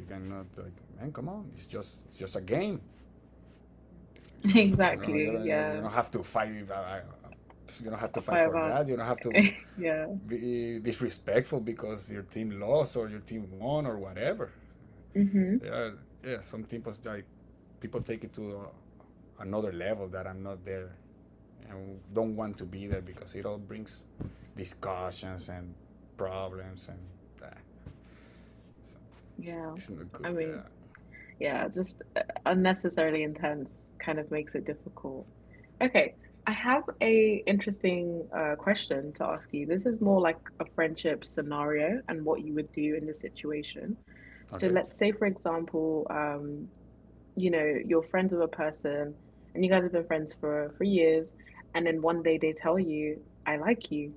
[SPEAKER 2] You cannot, like, man, come on. It's just a game. You don't, you know,
[SPEAKER 1] Exactly.
[SPEAKER 2] you don't,
[SPEAKER 1] Yeah.
[SPEAKER 2] you don't have to fight. You don't have to fight
[SPEAKER 1] Five
[SPEAKER 2] for
[SPEAKER 1] hour.
[SPEAKER 2] that. You don't have to
[SPEAKER 1] Yeah.
[SPEAKER 2] be disrespectful because your team lost or your team won or whatever.
[SPEAKER 1] Hmm.
[SPEAKER 2] There are, yeah, some teams like people take it to another level that I'm not there and don't want to be there because it all brings discussions and problems and that. So
[SPEAKER 1] Yeah.
[SPEAKER 2] it's not
[SPEAKER 1] I
[SPEAKER 2] good.
[SPEAKER 1] mean,
[SPEAKER 2] Yeah.
[SPEAKER 1] Yeah, just unnecessarily intense kind of makes it difficult. Okay, I have a interesting question to ask you. This is more like a friendship scenario and what you would do in the situation. So
[SPEAKER 2] Okay.
[SPEAKER 1] let's say, for example, you know, you're friends with a person and you guys have been friends for years, and then one day they tell you, "I like you."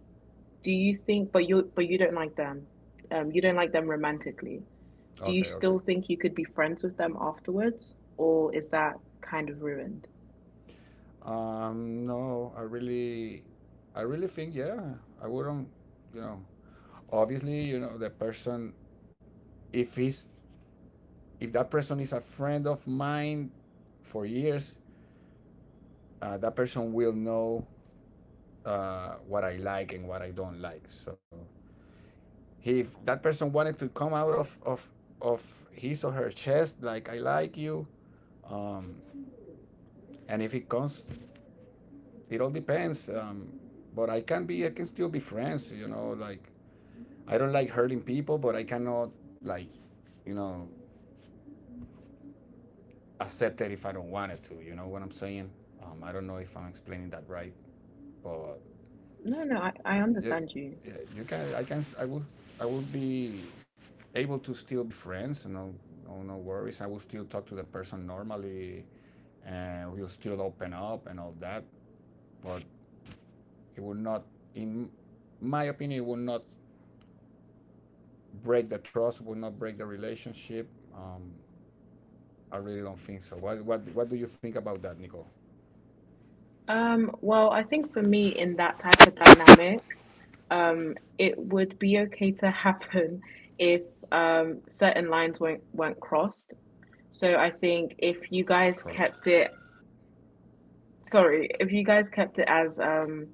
[SPEAKER 1] Do you think, but you don't like them. You don't like them romantically. Do you
[SPEAKER 2] Okay.
[SPEAKER 1] still
[SPEAKER 2] Okay.
[SPEAKER 1] think you could be friends with them afterwards, or is that kind of ruined?
[SPEAKER 2] No, I really think, yeah. I wouldn't, you know. Obviously, you know the person. If he's if that person is a friend of mine for years, that person will know, what I like and what I don't like. So if that person wanted to come out of his or her chest, like, I like you, um, and if it comes, it all depends. But I can still be friends. You know, like, I don't like hurting people, but I cannot, like, you know, accept it if I don't want it to. You know what I'm saying? I don't know if I'm explaining that right, but
[SPEAKER 1] No, no, I
[SPEAKER 2] you,
[SPEAKER 1] understand you.
[SPEAKER 2] you can. I can. I will be able to still be friends. No, no, no worries. I will still talk to the person normally, and we'll still open up and all that. But it will not, in my opinion, it will not break the trust. It will not break the relationship. Um, I really don't think so. What do you think about that, Nicole?
[SPEAKER 1] Well, I think for me in that type of dynamic, it would be okay to happen if certain lines weren't crossed. So I think if you guys
[SPEAKER 2] Correct.
[SPEAKER 1] kept it, sorry, if you guys kept it as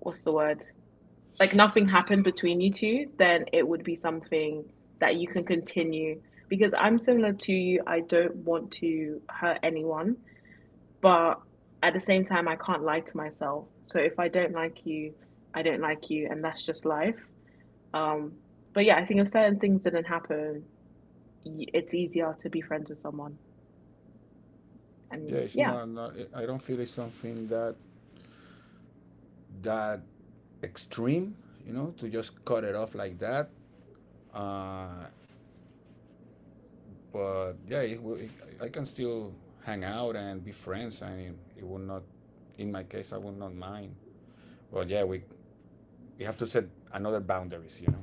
[SPEAKER 1] what's the word? Like nothing happened between you two, then it would be something that you can continue. Because I'm similar to you, I don't want to hurt anyone, but at the same time, I can't lie to myself. So if I don't like you, I don't like you, and that's just life. Um, but yeah, I think if certain things didn't happen, it's easier to be friends with someone.
[SPEAKER 2] Yeah,
[SPEAKER 1] And
[SPEAKER 2] it's
[SPEAKER 1] yeah,
[SPEAKER 2] not, not. I don't feel it's something that that extreme, you know, to just cut it off like that. Uh, but yeah, I can still hang out and be friends, and it will not. In my case, I would not mind. But yeah, we have to set another boundaries, you know.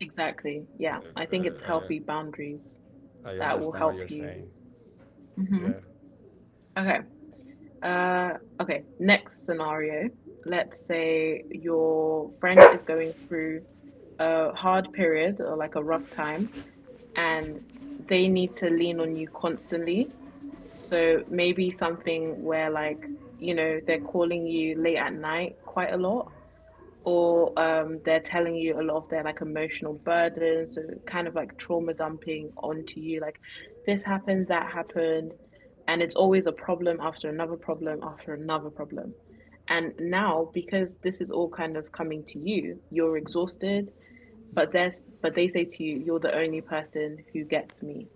[SPEAKER 1] exactly. Yeah, I
[SPEAKER 2] Look,
[SPEAKER 1] think it's healthy boundaries
[SPEAKER 2] I
[SPEAKER 1] that will
[SPEAKER 2] understand what
[SPEAKER 1] help
[SPEAKER 2] you're
[SPEAKER 1] you.
[SPEAKER 2] saying. Yeah.
[SPEAKER 1] Hmm. Okay. Uh, okay. Next scenario. Let's say your friend is going through a hard period or like a rough time, and they need to lean on you constantly. So maybe something where like, you know, they're calling you late at night quite a lot, or they're telling you a lot of their like emotional burdens, so kind of like trauma dumping onto you, like this happened, that happened, and it's always a problem after another problem after another problem. And now, because this is all kind of coming to you, you're exhausted, but they say to you, you're the only person who gets me,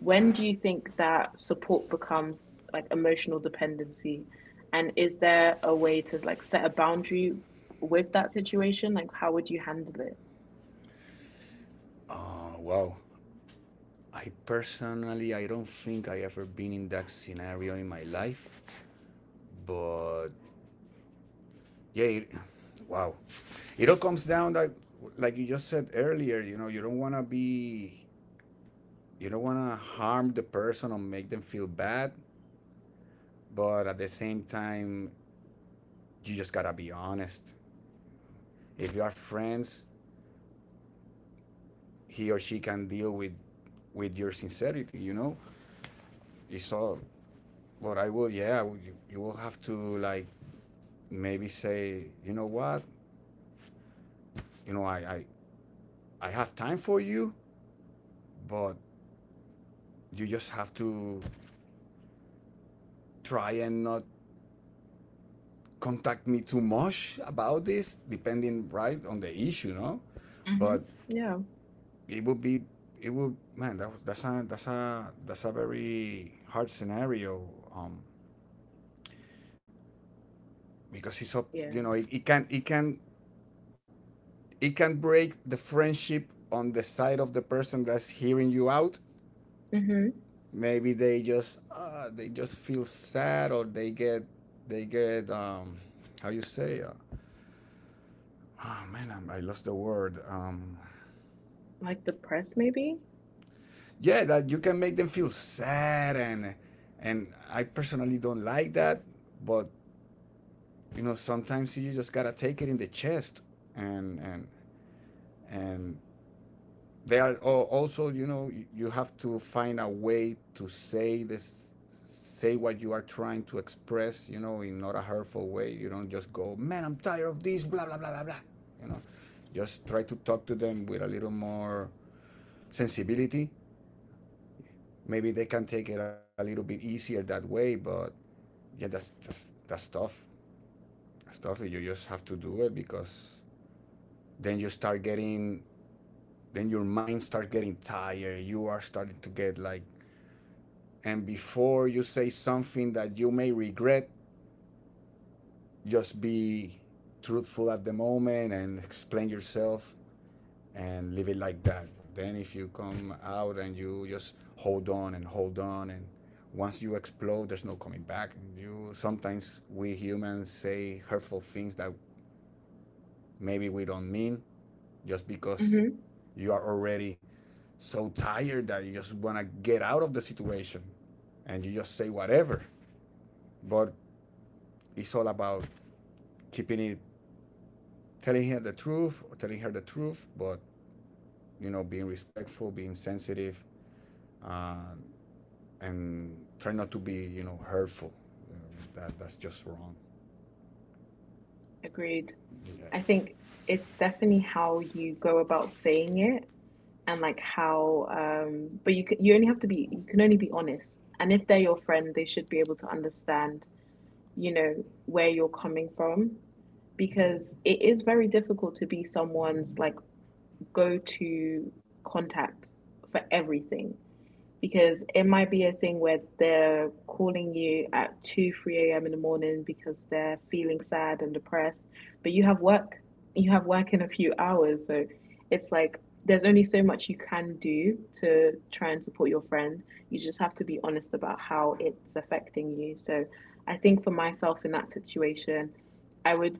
[SPEAKER 1] when do you think that support becomes like emotional dependency, and is there a way to like set a boundary with that situation, like how would you handle it?
[SPEAKER 2] Oh, wow. I personally, I don't think I ever been in that scenario in my life, but yeah, wow, it all comes down, like you just said earlier. You know, you don't want to be, you don't want to harm the person or make them feel bad, but at the same time, you just gotta be honest. If you are friends, he or she can deal with your sincerity. You know, you saw what I will. Yeah, you will have to, like, maybe say, you know what, you know, I have time for you, but you just have to try and not contact me too much about this, depending, right, on the issue, no?
[SPEAKER 1] Mm-hmm.
[SPEAKER 2] But
[SPEAKER 1] Yeah.
[SPEAKER 2] it would be, it would man, that's a very hard scenario, um because it's up, you
[SPEAKER 1] Yeah.
[SPEAKER 2] know, it can break the friendship on the side of the person that's hearing you out.
[SPEAKER 1] Mm-hmm.
[SPEAKER 2] Maybe they just, they just feel sad, or they get, they get um, how you say, oh man, I lost the word.
[SPEAKER 1] Like the press maybe.
[SPEAKER 2] Yeah, that you can make them feel sad. And I personally don't like that, but you know, sometimes you just gotta take it in the chest, and and and they are also, you know. You have to find a way to say this, say what you are trying to express, you know, in not a hurtful way. You don't just go, man, I'm tired of this, blah blah blah blah blah. You know, just try to talk to them with a little more sensibility. Maybe they can take it a little bit easier that way. But yeah, that's tough. That's tough. You just have to do it, because then you start getting, then your mind starts getting tired. You are starting to get like. And before you say something that you may regret, just be truthful at the moment and explain yourself, and leave it like that. But then, if you come out and you just hold on and hold on, and once you explode, there's no coming back, and you sometimes we humans say hurtful things that maybe we don't mean, just because
[SPEAKER 1] Mm-hmm.
[SPEAKER 2] you are already so tired that you just want to get out of the situation and you just say whatever. But it's all about keeping it, telling her the truth, or telling her the truth, but, you know, being respectful, being sensitive, uh, and try not to be, you know, hurtful. Uh, that's just wrong.
[SPEAKER 1] Agreed.
[SPEAKER 2] Yeah.
[SPEAKER 1] I think it's definitely how you go about saying it and like how but you can. You only have to be you can only be honest. And if they're your friend, they should be able to understand you know, where you're coming from, because it is very difficult to be someone's like go to contact for everything, because it might be a thing where they're calling you at 2 3 a.m. in the morning because they're feeling sad and depressed. But you have work in a few hours. So it's like there's only so much you can do to try and support your friend. You just have to be honest about how it's affecting you. So I think for myself in that situation, I would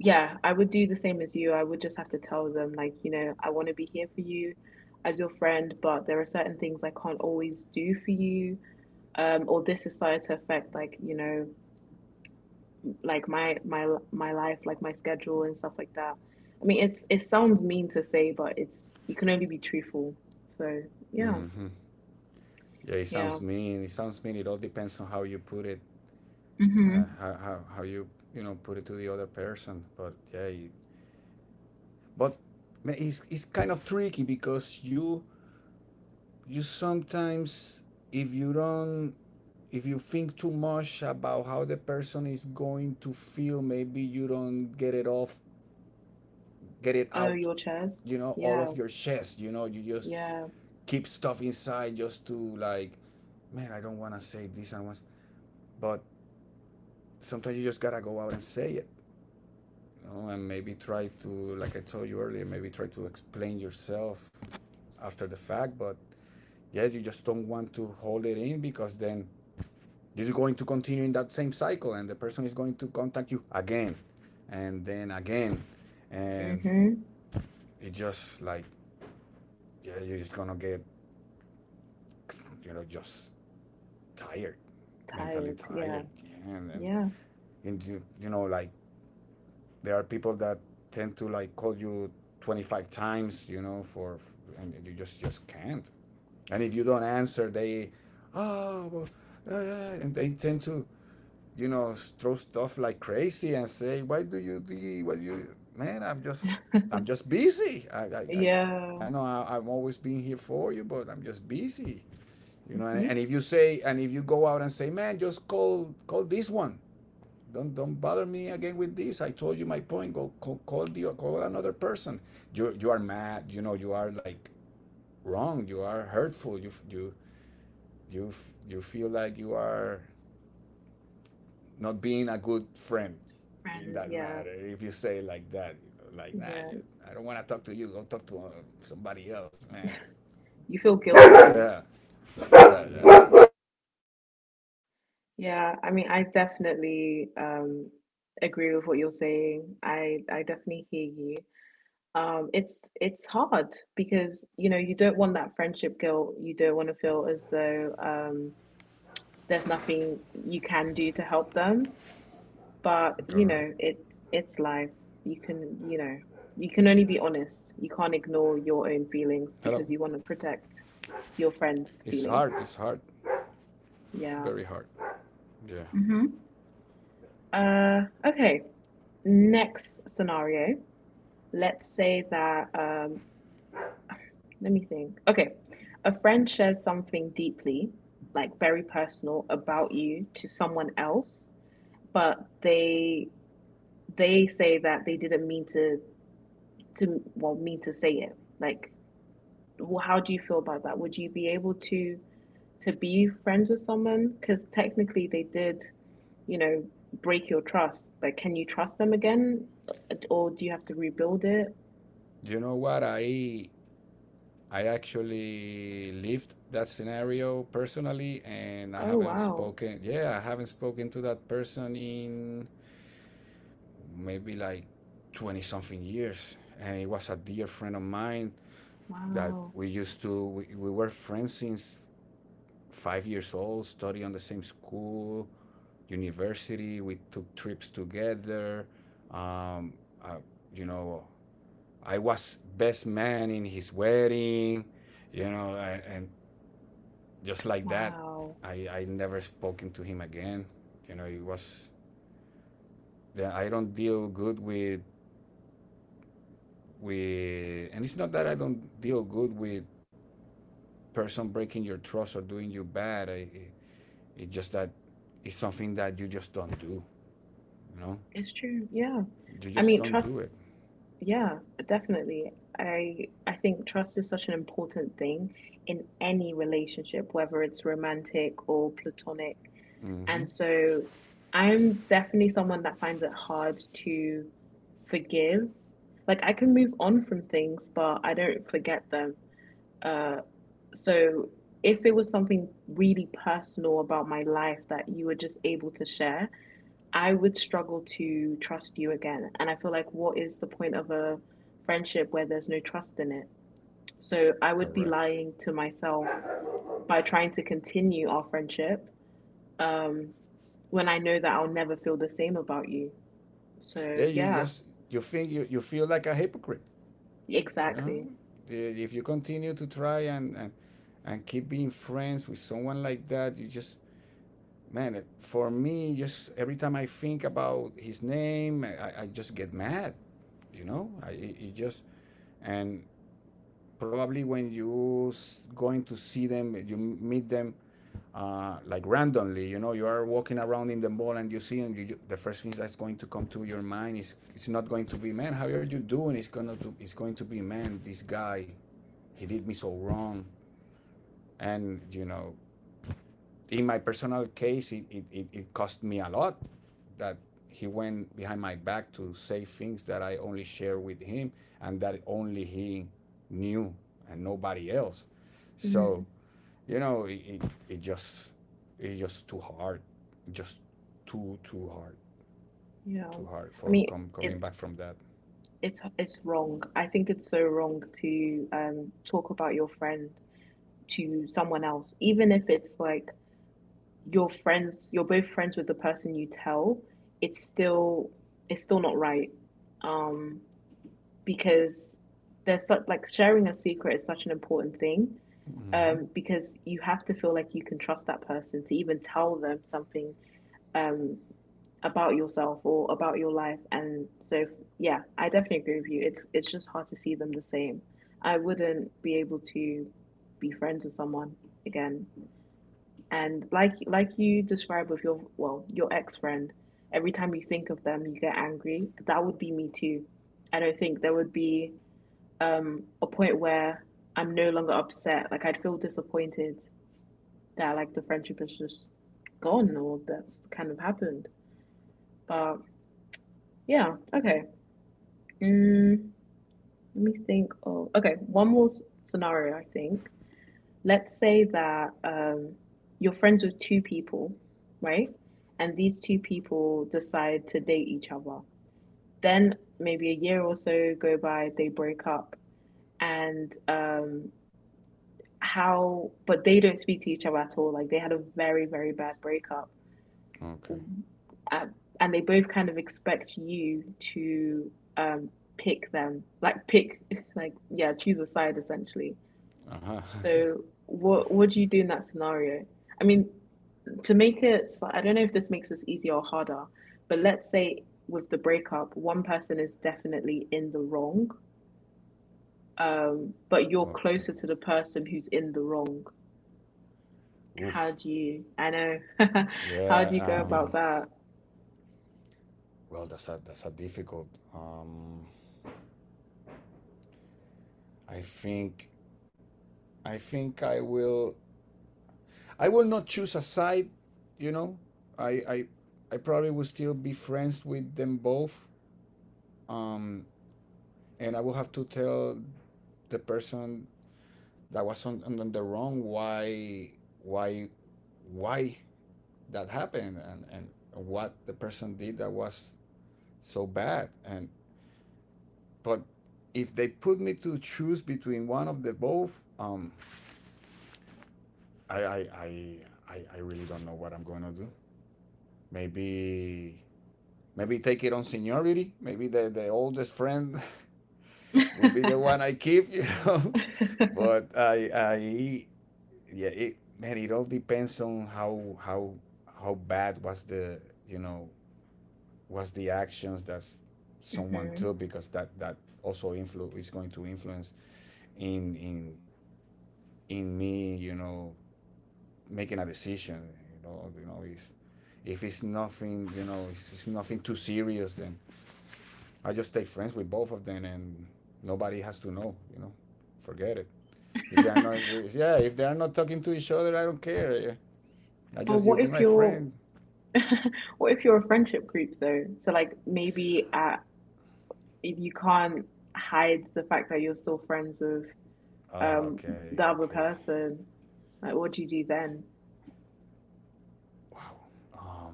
[SPEAKER 1] yeah, I would do the same as you. I would just have to tell them, like, I want to be here for you as your friend, but there are certain things I can't always do for you. Or this is started to affect, like, like my life, like my schedule and stuff like that. I mean, it sounds mean to say, but it's you can only be truthful. So yeah,
[SPEAKER 2] Hmm. Yeah, it sounds
[SPEAKER 1] yeah.
[SPEAKER 2] mean. It sounds mean. It all depends on how you put it,
[SPEAKER 1] Mm-hmm.
[SPEAKER 2] how you you know put it to the other person. But yeah, but it's kind of tricky, because you sometimes, if you don't if you think too much about how the person is going to feel, maybe you don't get it
[SPEAKER 1] Oh,
[SPEAKER 2] out,
[SPEAKER 1] your chest.
[SPEAKER 2] you know, all
[SPEAKER 1] Yeah,
[SPEAKER 2] of your chest. You know, you just
[SPEAKER 1] yeah.
[SPEAKER 2] keep stuff inside just to, like, man, I don't want to say this and once. But sometimes you just gotta go out and say it, you know. And maybe try to, like I told you earlier, maybe try to explain yourself after the fact. But yeah, you just don't want to hold it in, because then this is going to continue in that same cycle, and the person is going to contact you again, and then again, and
[SPEAKER 1] Mm-hmm.
[SPEAKER 2] it just, like, yeah, you're just gonna get, you know, just tired, mentally
[SPEAKER 1] Tired.
[SPEAKER 2] tired,
[SPEAKER 1] Yeah,
[SPEAKER 2] yeah, and, and
[SPEAKER 1] yeah,
[SPEAKER 2] and you know, like, there are people that tend to, like, call you 25 times, you know, for. And you just can't. And if you don't answer, they — oh, well, and they tend to, you know, throw stuff like crazy and say, "Why do you do? What you, man? I'm just, I'm just busy. I, I, I,
[SPEAKER 1] yeah.
[SPEAKER 2] I know, I'm always being here for you, but I'm just busy. You know." And,
[SPEAKER 1] Mm-hmm.
[SPEAKER 2] and if you go out and say, "Man, just call this one. Don't bother me again with this. I told you my point. Go, call another person." You are mad. You know, you are, like, wrong. You are hurtful. You, you feel like you are not being a good friend in
[SPEAKER 1] Friend.
[SPEAKER 2] that
[SPEAKER 1] Yeah,
[SPEAKER 2] matter. If you say it like that, you know, like, nah,
[SPEAKER 1] yeah.
[SPEAKER 2] I don't want to talk to you. Go talk to, somebody else, man.
[SPEAKER 1] You feel guilty.
[SPEAKER 2] Yeah. Yeah, yeah.
[SPEAKER 1] Yeah, I mean, I definitely agree with what you're saying. I definitely hear you. It's hard because you know you don't want that friendship guilt. You don't want to feel as though there's nothing you can do to help them. But you
[SPEAKER 2] Correct.
[SPEAKER 1] know, it's life. You can you know you can only be honest. You can't ignore your own feelings
[SPEAKER 2] Hello.
[SPEAKER 1] because you want to protect your friends'
[SPEAKER 2] It's
[SPEAKER 1] feelings.
[SPEAKER 2] hard. It's hard.
[SPEAKER 1] Yeah.
[SPEAKER 2] Very hard. Yeah.
[SPEAKER 1] hmm okay. Next scenario. Let's say that, let me think. Okay. A friend shares something deeply, like very personal about you to someone else, but they say that they didn't mean to, well, mean to say it. Like, well, how do you feel about that? Would you be able to, be friends with someone? Because technically they did, you know, break your trust? Like, can you trust them again, or do you have to rebuild it?
[SPEAKER 2] You know what? I actually lived that scenario personally, and I
[SPEAKER 1] Oh
[SPEAKER 2] haven't
[SPEAKER 1] wow,
[SPEAKER 2] spoken. Yeah, I haven't spoken to that person in maybe like twenty something years. And it was a dear friend of mine that
[SPEAKER 1] wow,
[SPEAKER 2] we used to we were friends since 5 years old, study on the same school, university, we took trips together. um, uh, you know I was best man in his wedding. And just like that,
[SPEAKER 1] wow!
[SPEAKER 2] I never spoken to him again. You know, it was, then I don't deal good with, and it's not that I don't deal good with person breaking your trust or doing you bad. I, it's just that it's something that you just don't do. You know,
[SPEAKER 1] It's true. Yeah,
[SPEAKER 2] you
[SPEAKER 1] I
[SPEAKER 2] just
[SPEAKER 1] mean,
[SPEAKER 2] don't do
[SPEAKER 1] trust.
[SPEAKER 2] it.
[SPEAKER 1] Yeah, definitely. I think trust is such an important thing in any relationship, whether it's romantic or platonic.
[SPEAKER 2] Mm-hmm.
[SPEAKER 1] And so, I'm definitely someone that finds it hard to forgive. Like, I can move on from things, but I don't forget them. Uh, So if it was something really personal about my life that you were just able to share, I would struggle to trust you again. And I feel like, what is the point of a friendship where there's no trust in it? So I would be
[SPEAKER 2] Correct.
[SPEAKER 1] lying to myself by trying to continue our friendship, um, when I know that I'll never feel the same about you.
[SPEAKER 2] Yeah,
[SPEAKER 1] So
[SPEAKER 2] you
[SPEAKER 1] yeah,
[SPEAKER 2] just, you think you feel like a hypocrite. You know,
[SPEAKER 1] exactly.
[SPEAKER 2] if you continue to try and keep being friends with someone like that, you just, man. For me, just every time I think about his name, I just get mad. You know, I, it just, and probably when you going to see them, you meet them, like randomly, you know, you are walking around in the mall and you see them. You, the first thing that's going to come to your mind is, it's not going to be, man, how are you doing? It's going to, it's going to be, man, this guy, he did me so wrong. And you know, in my personal case, it cost me a lot, that he went behind my back to say things that I only share with him, and that only he knew, and nobody else. So,
[SPEAKER 1] Mm,
[SPEAKER 2] you know, it just, it's just too hard. Just too hard.
[SPEAKER 1] yeah.
[SPEAKER 2] Too hard
[SPEAKER 1] I
[SPEAKER 2] for
[SPEAKER 1] mean,
[SPEAKER 2] coming back
[SPEAKER 1] it's
[SPEAKER 2] from that.
[SPEAKER 1] it's wrong. I think it's so wrong to talk about your friend to someone else, even if it's like your friends, you're both friends with the person you tell. It's still it's still not right, um, because there's such, like, sharing a secret is such an important thing,
[SPEAKER 2] Mm-hmm.
[SPEAKER 1] because you have to feel like you can trust that person to even tell them something um about yourself or about your life. And so yeah, I definitely agree with you. It's just hard to see them the same. I wouldn't be able to be friends with someone again. And like you describe with your, well, your ex friend, every time you think of them you get angry. That would be me too. I don't think there would be a point where I'm no longer upset. Like, I'd feel disappointed that like the friendship is just gone, or that's kind of happened, but yeah, okay. Mm, let me think of, okay, one more scenario, I think. Let's say that, you're friends with two people, right? And these two people decide to date each other. Then maybe a year or so go by, they break up, and, but they don't speak to each other at all. Like, they had a very, very bad breakup.
[SPEAKER 2] Okay.
[SPEAKER 1] um, and they both kind of expect you to, um, pick them, like pick, like yeah, choose a side essentially.
[SPEAKER 2] Uh-huh.
[SPEAKER 1] So what do you do in that scenario? I mean, to make it, so I don't know if this makes this easier or harder, but let's say with the breakup, one person is definitely in the wrong, but you're
[SPEAKER 2] Okay.
[SPEAKER 1] closer to the person who's in the wrong.
[SPEAKER 2] Oof.
[SPEAKER 1] How do you? I know. How
[SPEAKER 2] Yeah,
[SPEAKER 1] do you go
[SPEAKER 2] um,
[SPEAKER 1] about that?
[SPEAKER 2] well that's a, that's a difficult, um I think, I think I will. I will not choose a side. You know, I I, I probably will still be friends with them both. Um, and I will have to tell the person that was on the wrong, why why that happened, and what the person did that was so bad. And but if they put me to choose between one of the both, i i i I really don't know what I'm going to do. Maybe, maybe take it on seniority. Maybe the oldest friend will be the one I keep, you know. But I yeah, it, man, it all depends on how bad was the, you know, was the actions that someone took,
[SPEAKER 1] hmm
[SPEAKER 2] because that, that also influ is going to influence in in in me, you know, making a decision. You know, if it's nothing, you know, if it's nothing too serious, then I just stay friends with both of them, and nobody has to know. You know, forget it. If they are not, yeah, if they are not talking to each other, I don't care. Yeah. I
[SPEAKER 1] But
[SPEAKER 2] just, you
[SPEAKER 1] what
[SPEAKER 2] be
[SPEAKER 1] if
[SPEAKER 2] my
[SPEAKER 1] you're
[SPEAKER 2] friend.
[SPEAKER 1] what if you're a friendship group though? So like, maybe at if you can't hide the fact that you're still friends with um
[SPEAKER 2] Okay,
[SPEAKER 1] the other
[SPEAKER 2] okay.
[SPEAKER 1] person, like, what do you do then?
[SPEAKER 2] Wow. Um.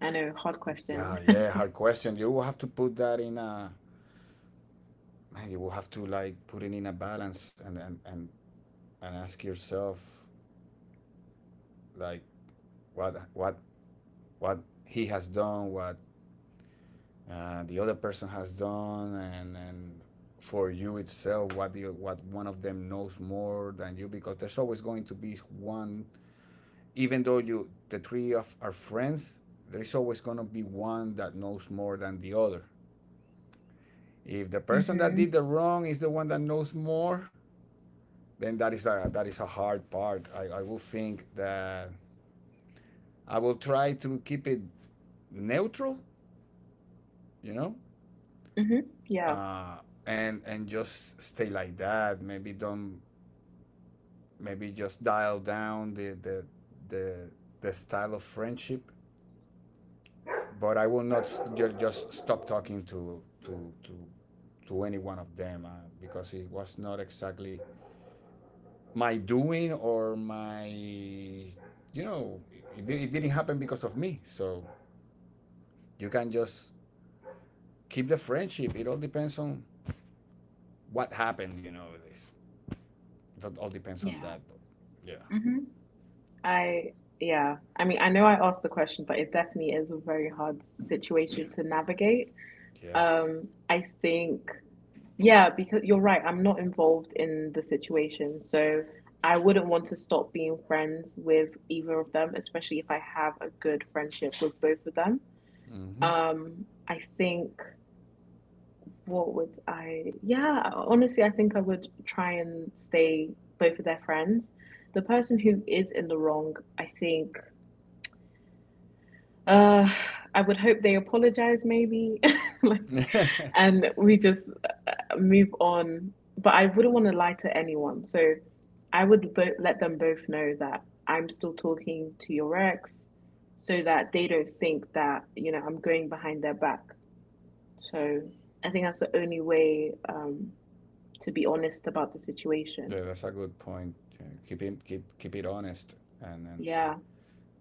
[SPEAKER 1] I know, hard
[SPEAKER 2] Yeah,
[SPEAKER 1] question.
[SPEAKER 2] yeah. Hard question. You will have to put that in a, man. You will have to like put it in a balance and and ask yourself, like, what what what he has done, what, the other person has done, and for you itself, what the, what one of them knows more than you, because there's always going to be one. Even though you, the three of our friends, there's always going to be one that knows more than the other. If the person that did
[SPEAKER 1] Mm-hmm.
[SPEAKER 2] the wrong is the one that knows more, then that is a, that is a hard part. I will think that I will try to keep it neutral, you know.
[SPEAKER 1] Mm-hmm. Yeah.
[SPEAKER 2] uh, and just stay like that, maybe don't, maybe just dial down the, the style of friendship. But I will not just stop talking to any one of them, because it was not exactly my doing or my, you know, it didn't happen because of me. So you can just keep the friendship. It all depends on what happened. You know, it's, it all depends on
[SPEAKER 1] Yeah.
[SPEAKER 2] that. But yeah.
[SPEAKER 1] Mm-hmm. I Yeah. I mean, I know I asked the question, but it definitely is a very hard situation to navigate.
[SPEAKER 2] Yes.
[SPEAKER 1] I think. Yeah, because you're right. I'm not involved in the situation. So I wouldn't want to stop being friends with either of them, especially if I have a good friendship with both of them.
[SPEAKER 2] Hmm.
[SPEAKER 1] I think, yeah, honestly, I think I would try and stay both of their friends. The person who is in the wrong, I think, uh, I would hope they apologize maybe. Like, and we just move on. But I wouldn't want to lie to anyone. So I would let them both know that I'm still talking to your ex, so that they don't think that, I'm going behind their back. So I think that's the only way, to be honest about the
[SPEAKER 2] Yeah,
[SPEAKER 1] situation.
[SPEAKER 2] that's a good point. Yeah, keep it, keep it honest, and and,
[SPEAKER 1] Yeah,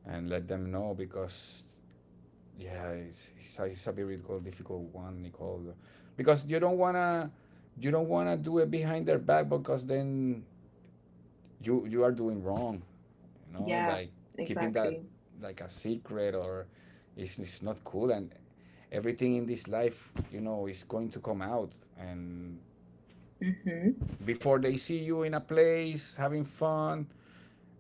[SPEAKER 2] and let them know, because yeah, it's a very difficult, difficult one, Nicole, because you don't wanna, you don't wanna do it behind their back, because then you are doing wrong. You know,
[SPEAKER 1] yeah,
[SPEAKER 2] like, keeping that
[SPEAKER 1] exactly.
[SPEAKER 2] like a secret, or it's not cool. And everything in this life, you know, is going to come out. And
[SPEAKER 1] Mm-hmm.
[SPEAKER 2] before they see you in a place having fun,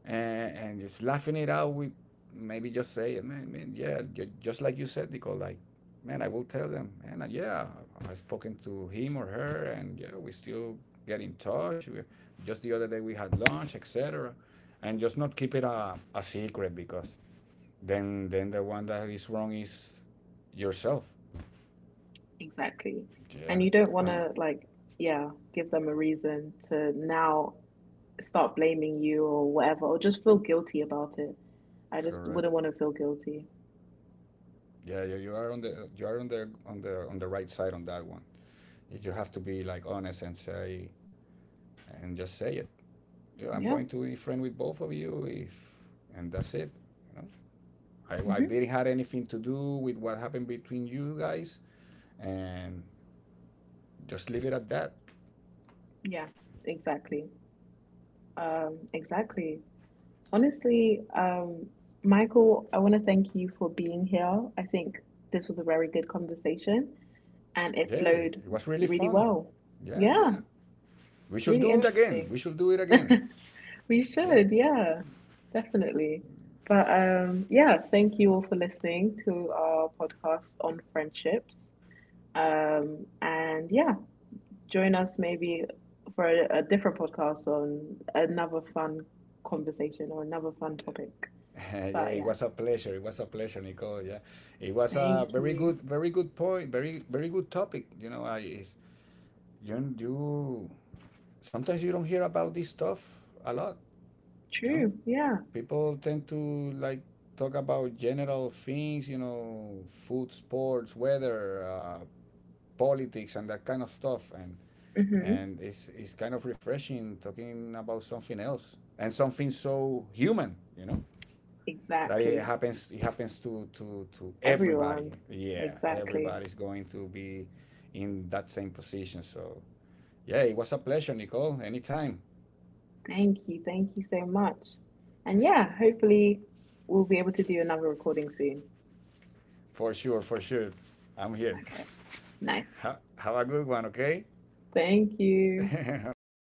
[SPEAKER 2] and just laughing it out with, maybe just saying, man, man, yeah, just like you said, Nicole, like, man, I will tell them, man, yeah, I've spoken to him or her, and yeah, we still get in touch. We, just the other day we had lunch, etc., and just not keep it a secret, because then the one that is wrong is yourself.
[SPEAKER 1] Exactly.
[SPEAKER 2] Yeah,
[SPEAKER 1] And you don't want
[SPEAKER 2] I'm
[SPEAKER 1] to, like, yeah, give them a reason to now start blaming you or whatever, or just feel guilty about it. I just
[SPEAKER 2] correct.
[SPEAKER 1] wouldn't want to feel guilty.
[SPEAKER 2] Yeah, you are on the, you are on the, on the, on the right side on that one. You have to be like honest and say, and just say it. I'm
[SPEAKER 1] Yeah.
[SPEAKER 2] going to be friend with both of you, if, and that's it. You know, I didn't
[SPEAKER 1] Hmm.
[SPEAKER 2] have anything to do with what happened between you guys, and just leave it at that.
[SPEAKER 1] Yeah, exactly. Exactly. Honestly, Michael, I want to thank you for being here. I think this was a very good conversation and it
[SPEAKER 2] Yeah, it
[SPEAKER 1] flowed
[SPEAKER 2] was really
[SPEAKER 1] really
[SPEAKER 2] fun.
[SPEAKER 1] well.
[SPEAKER 2] Yeah,
[SPEAKER 1] Yeah,
[SPEAKER 2] yeah. We should
[SPEAKER 1] really
[SPEAKER 2] do it again.
[SPEAKER 1] interesting.
[SPEAKER 2] We should do it again.
[SPEAKER 1] We
[SPEAKER 2] Yeah.
[SPEAKER 1] should, yeah, definitely. But yeah, thank you all for listening to our podcast on friendships. And yeah, join us maybe for a different podcast on another fun conversation or another fun topic.
[SPEAKER 2] Yeah,
[SPEAKER 1] But
[SPEAKER 2] it
[SPEAKER 1] yeah,
[SPEAKER 2] was a pleasure. It was a pleasure, Nicole. Yeah, it was a
[SPEAKER 1] thank
[SPEAKER 2] very
[SPEAKER 1] you.
[SPEAKER 2] good, very good point. Very, very good topic. You know, I it's, you sometimes you don't hear about this stuff a lot. You know,
[SPEAKER 1] True. Yeah.
[SPEAKER 2] people tend to like talk about general things, you know, food, sports, weather, politics, and that kind of stuff.
[SPEAKER 1] Hmm.
[SPEAKER 2] And it's kind of refreshing talking about something else, and something so human, you know, that it
[SPEAKER 1] Exactly.
[SPEAKER 2] happens, it happens to everybody.
[SPEAKER 1] Everyone.
[SPEAKER 2] Yeah,
[SPEAKER 1] Exactly.
[SPEAKER 2] everybody's going to be in that same position. So yeah, it was a pleasure, Nicole. Anytime,
[SPEAKER 1] Thank you. Thank you so much. And yeah, hopefully we'll be able to do another recording soon.
[SPEAKER 2] for sure, for sure. I'm here.
[SPEAKER 1] Okay. Nice.
[SPEAKER 2] Have a good one, okay?
[SPEAKER 1] Thank you.
[SPEAKER 2] Bai, bai.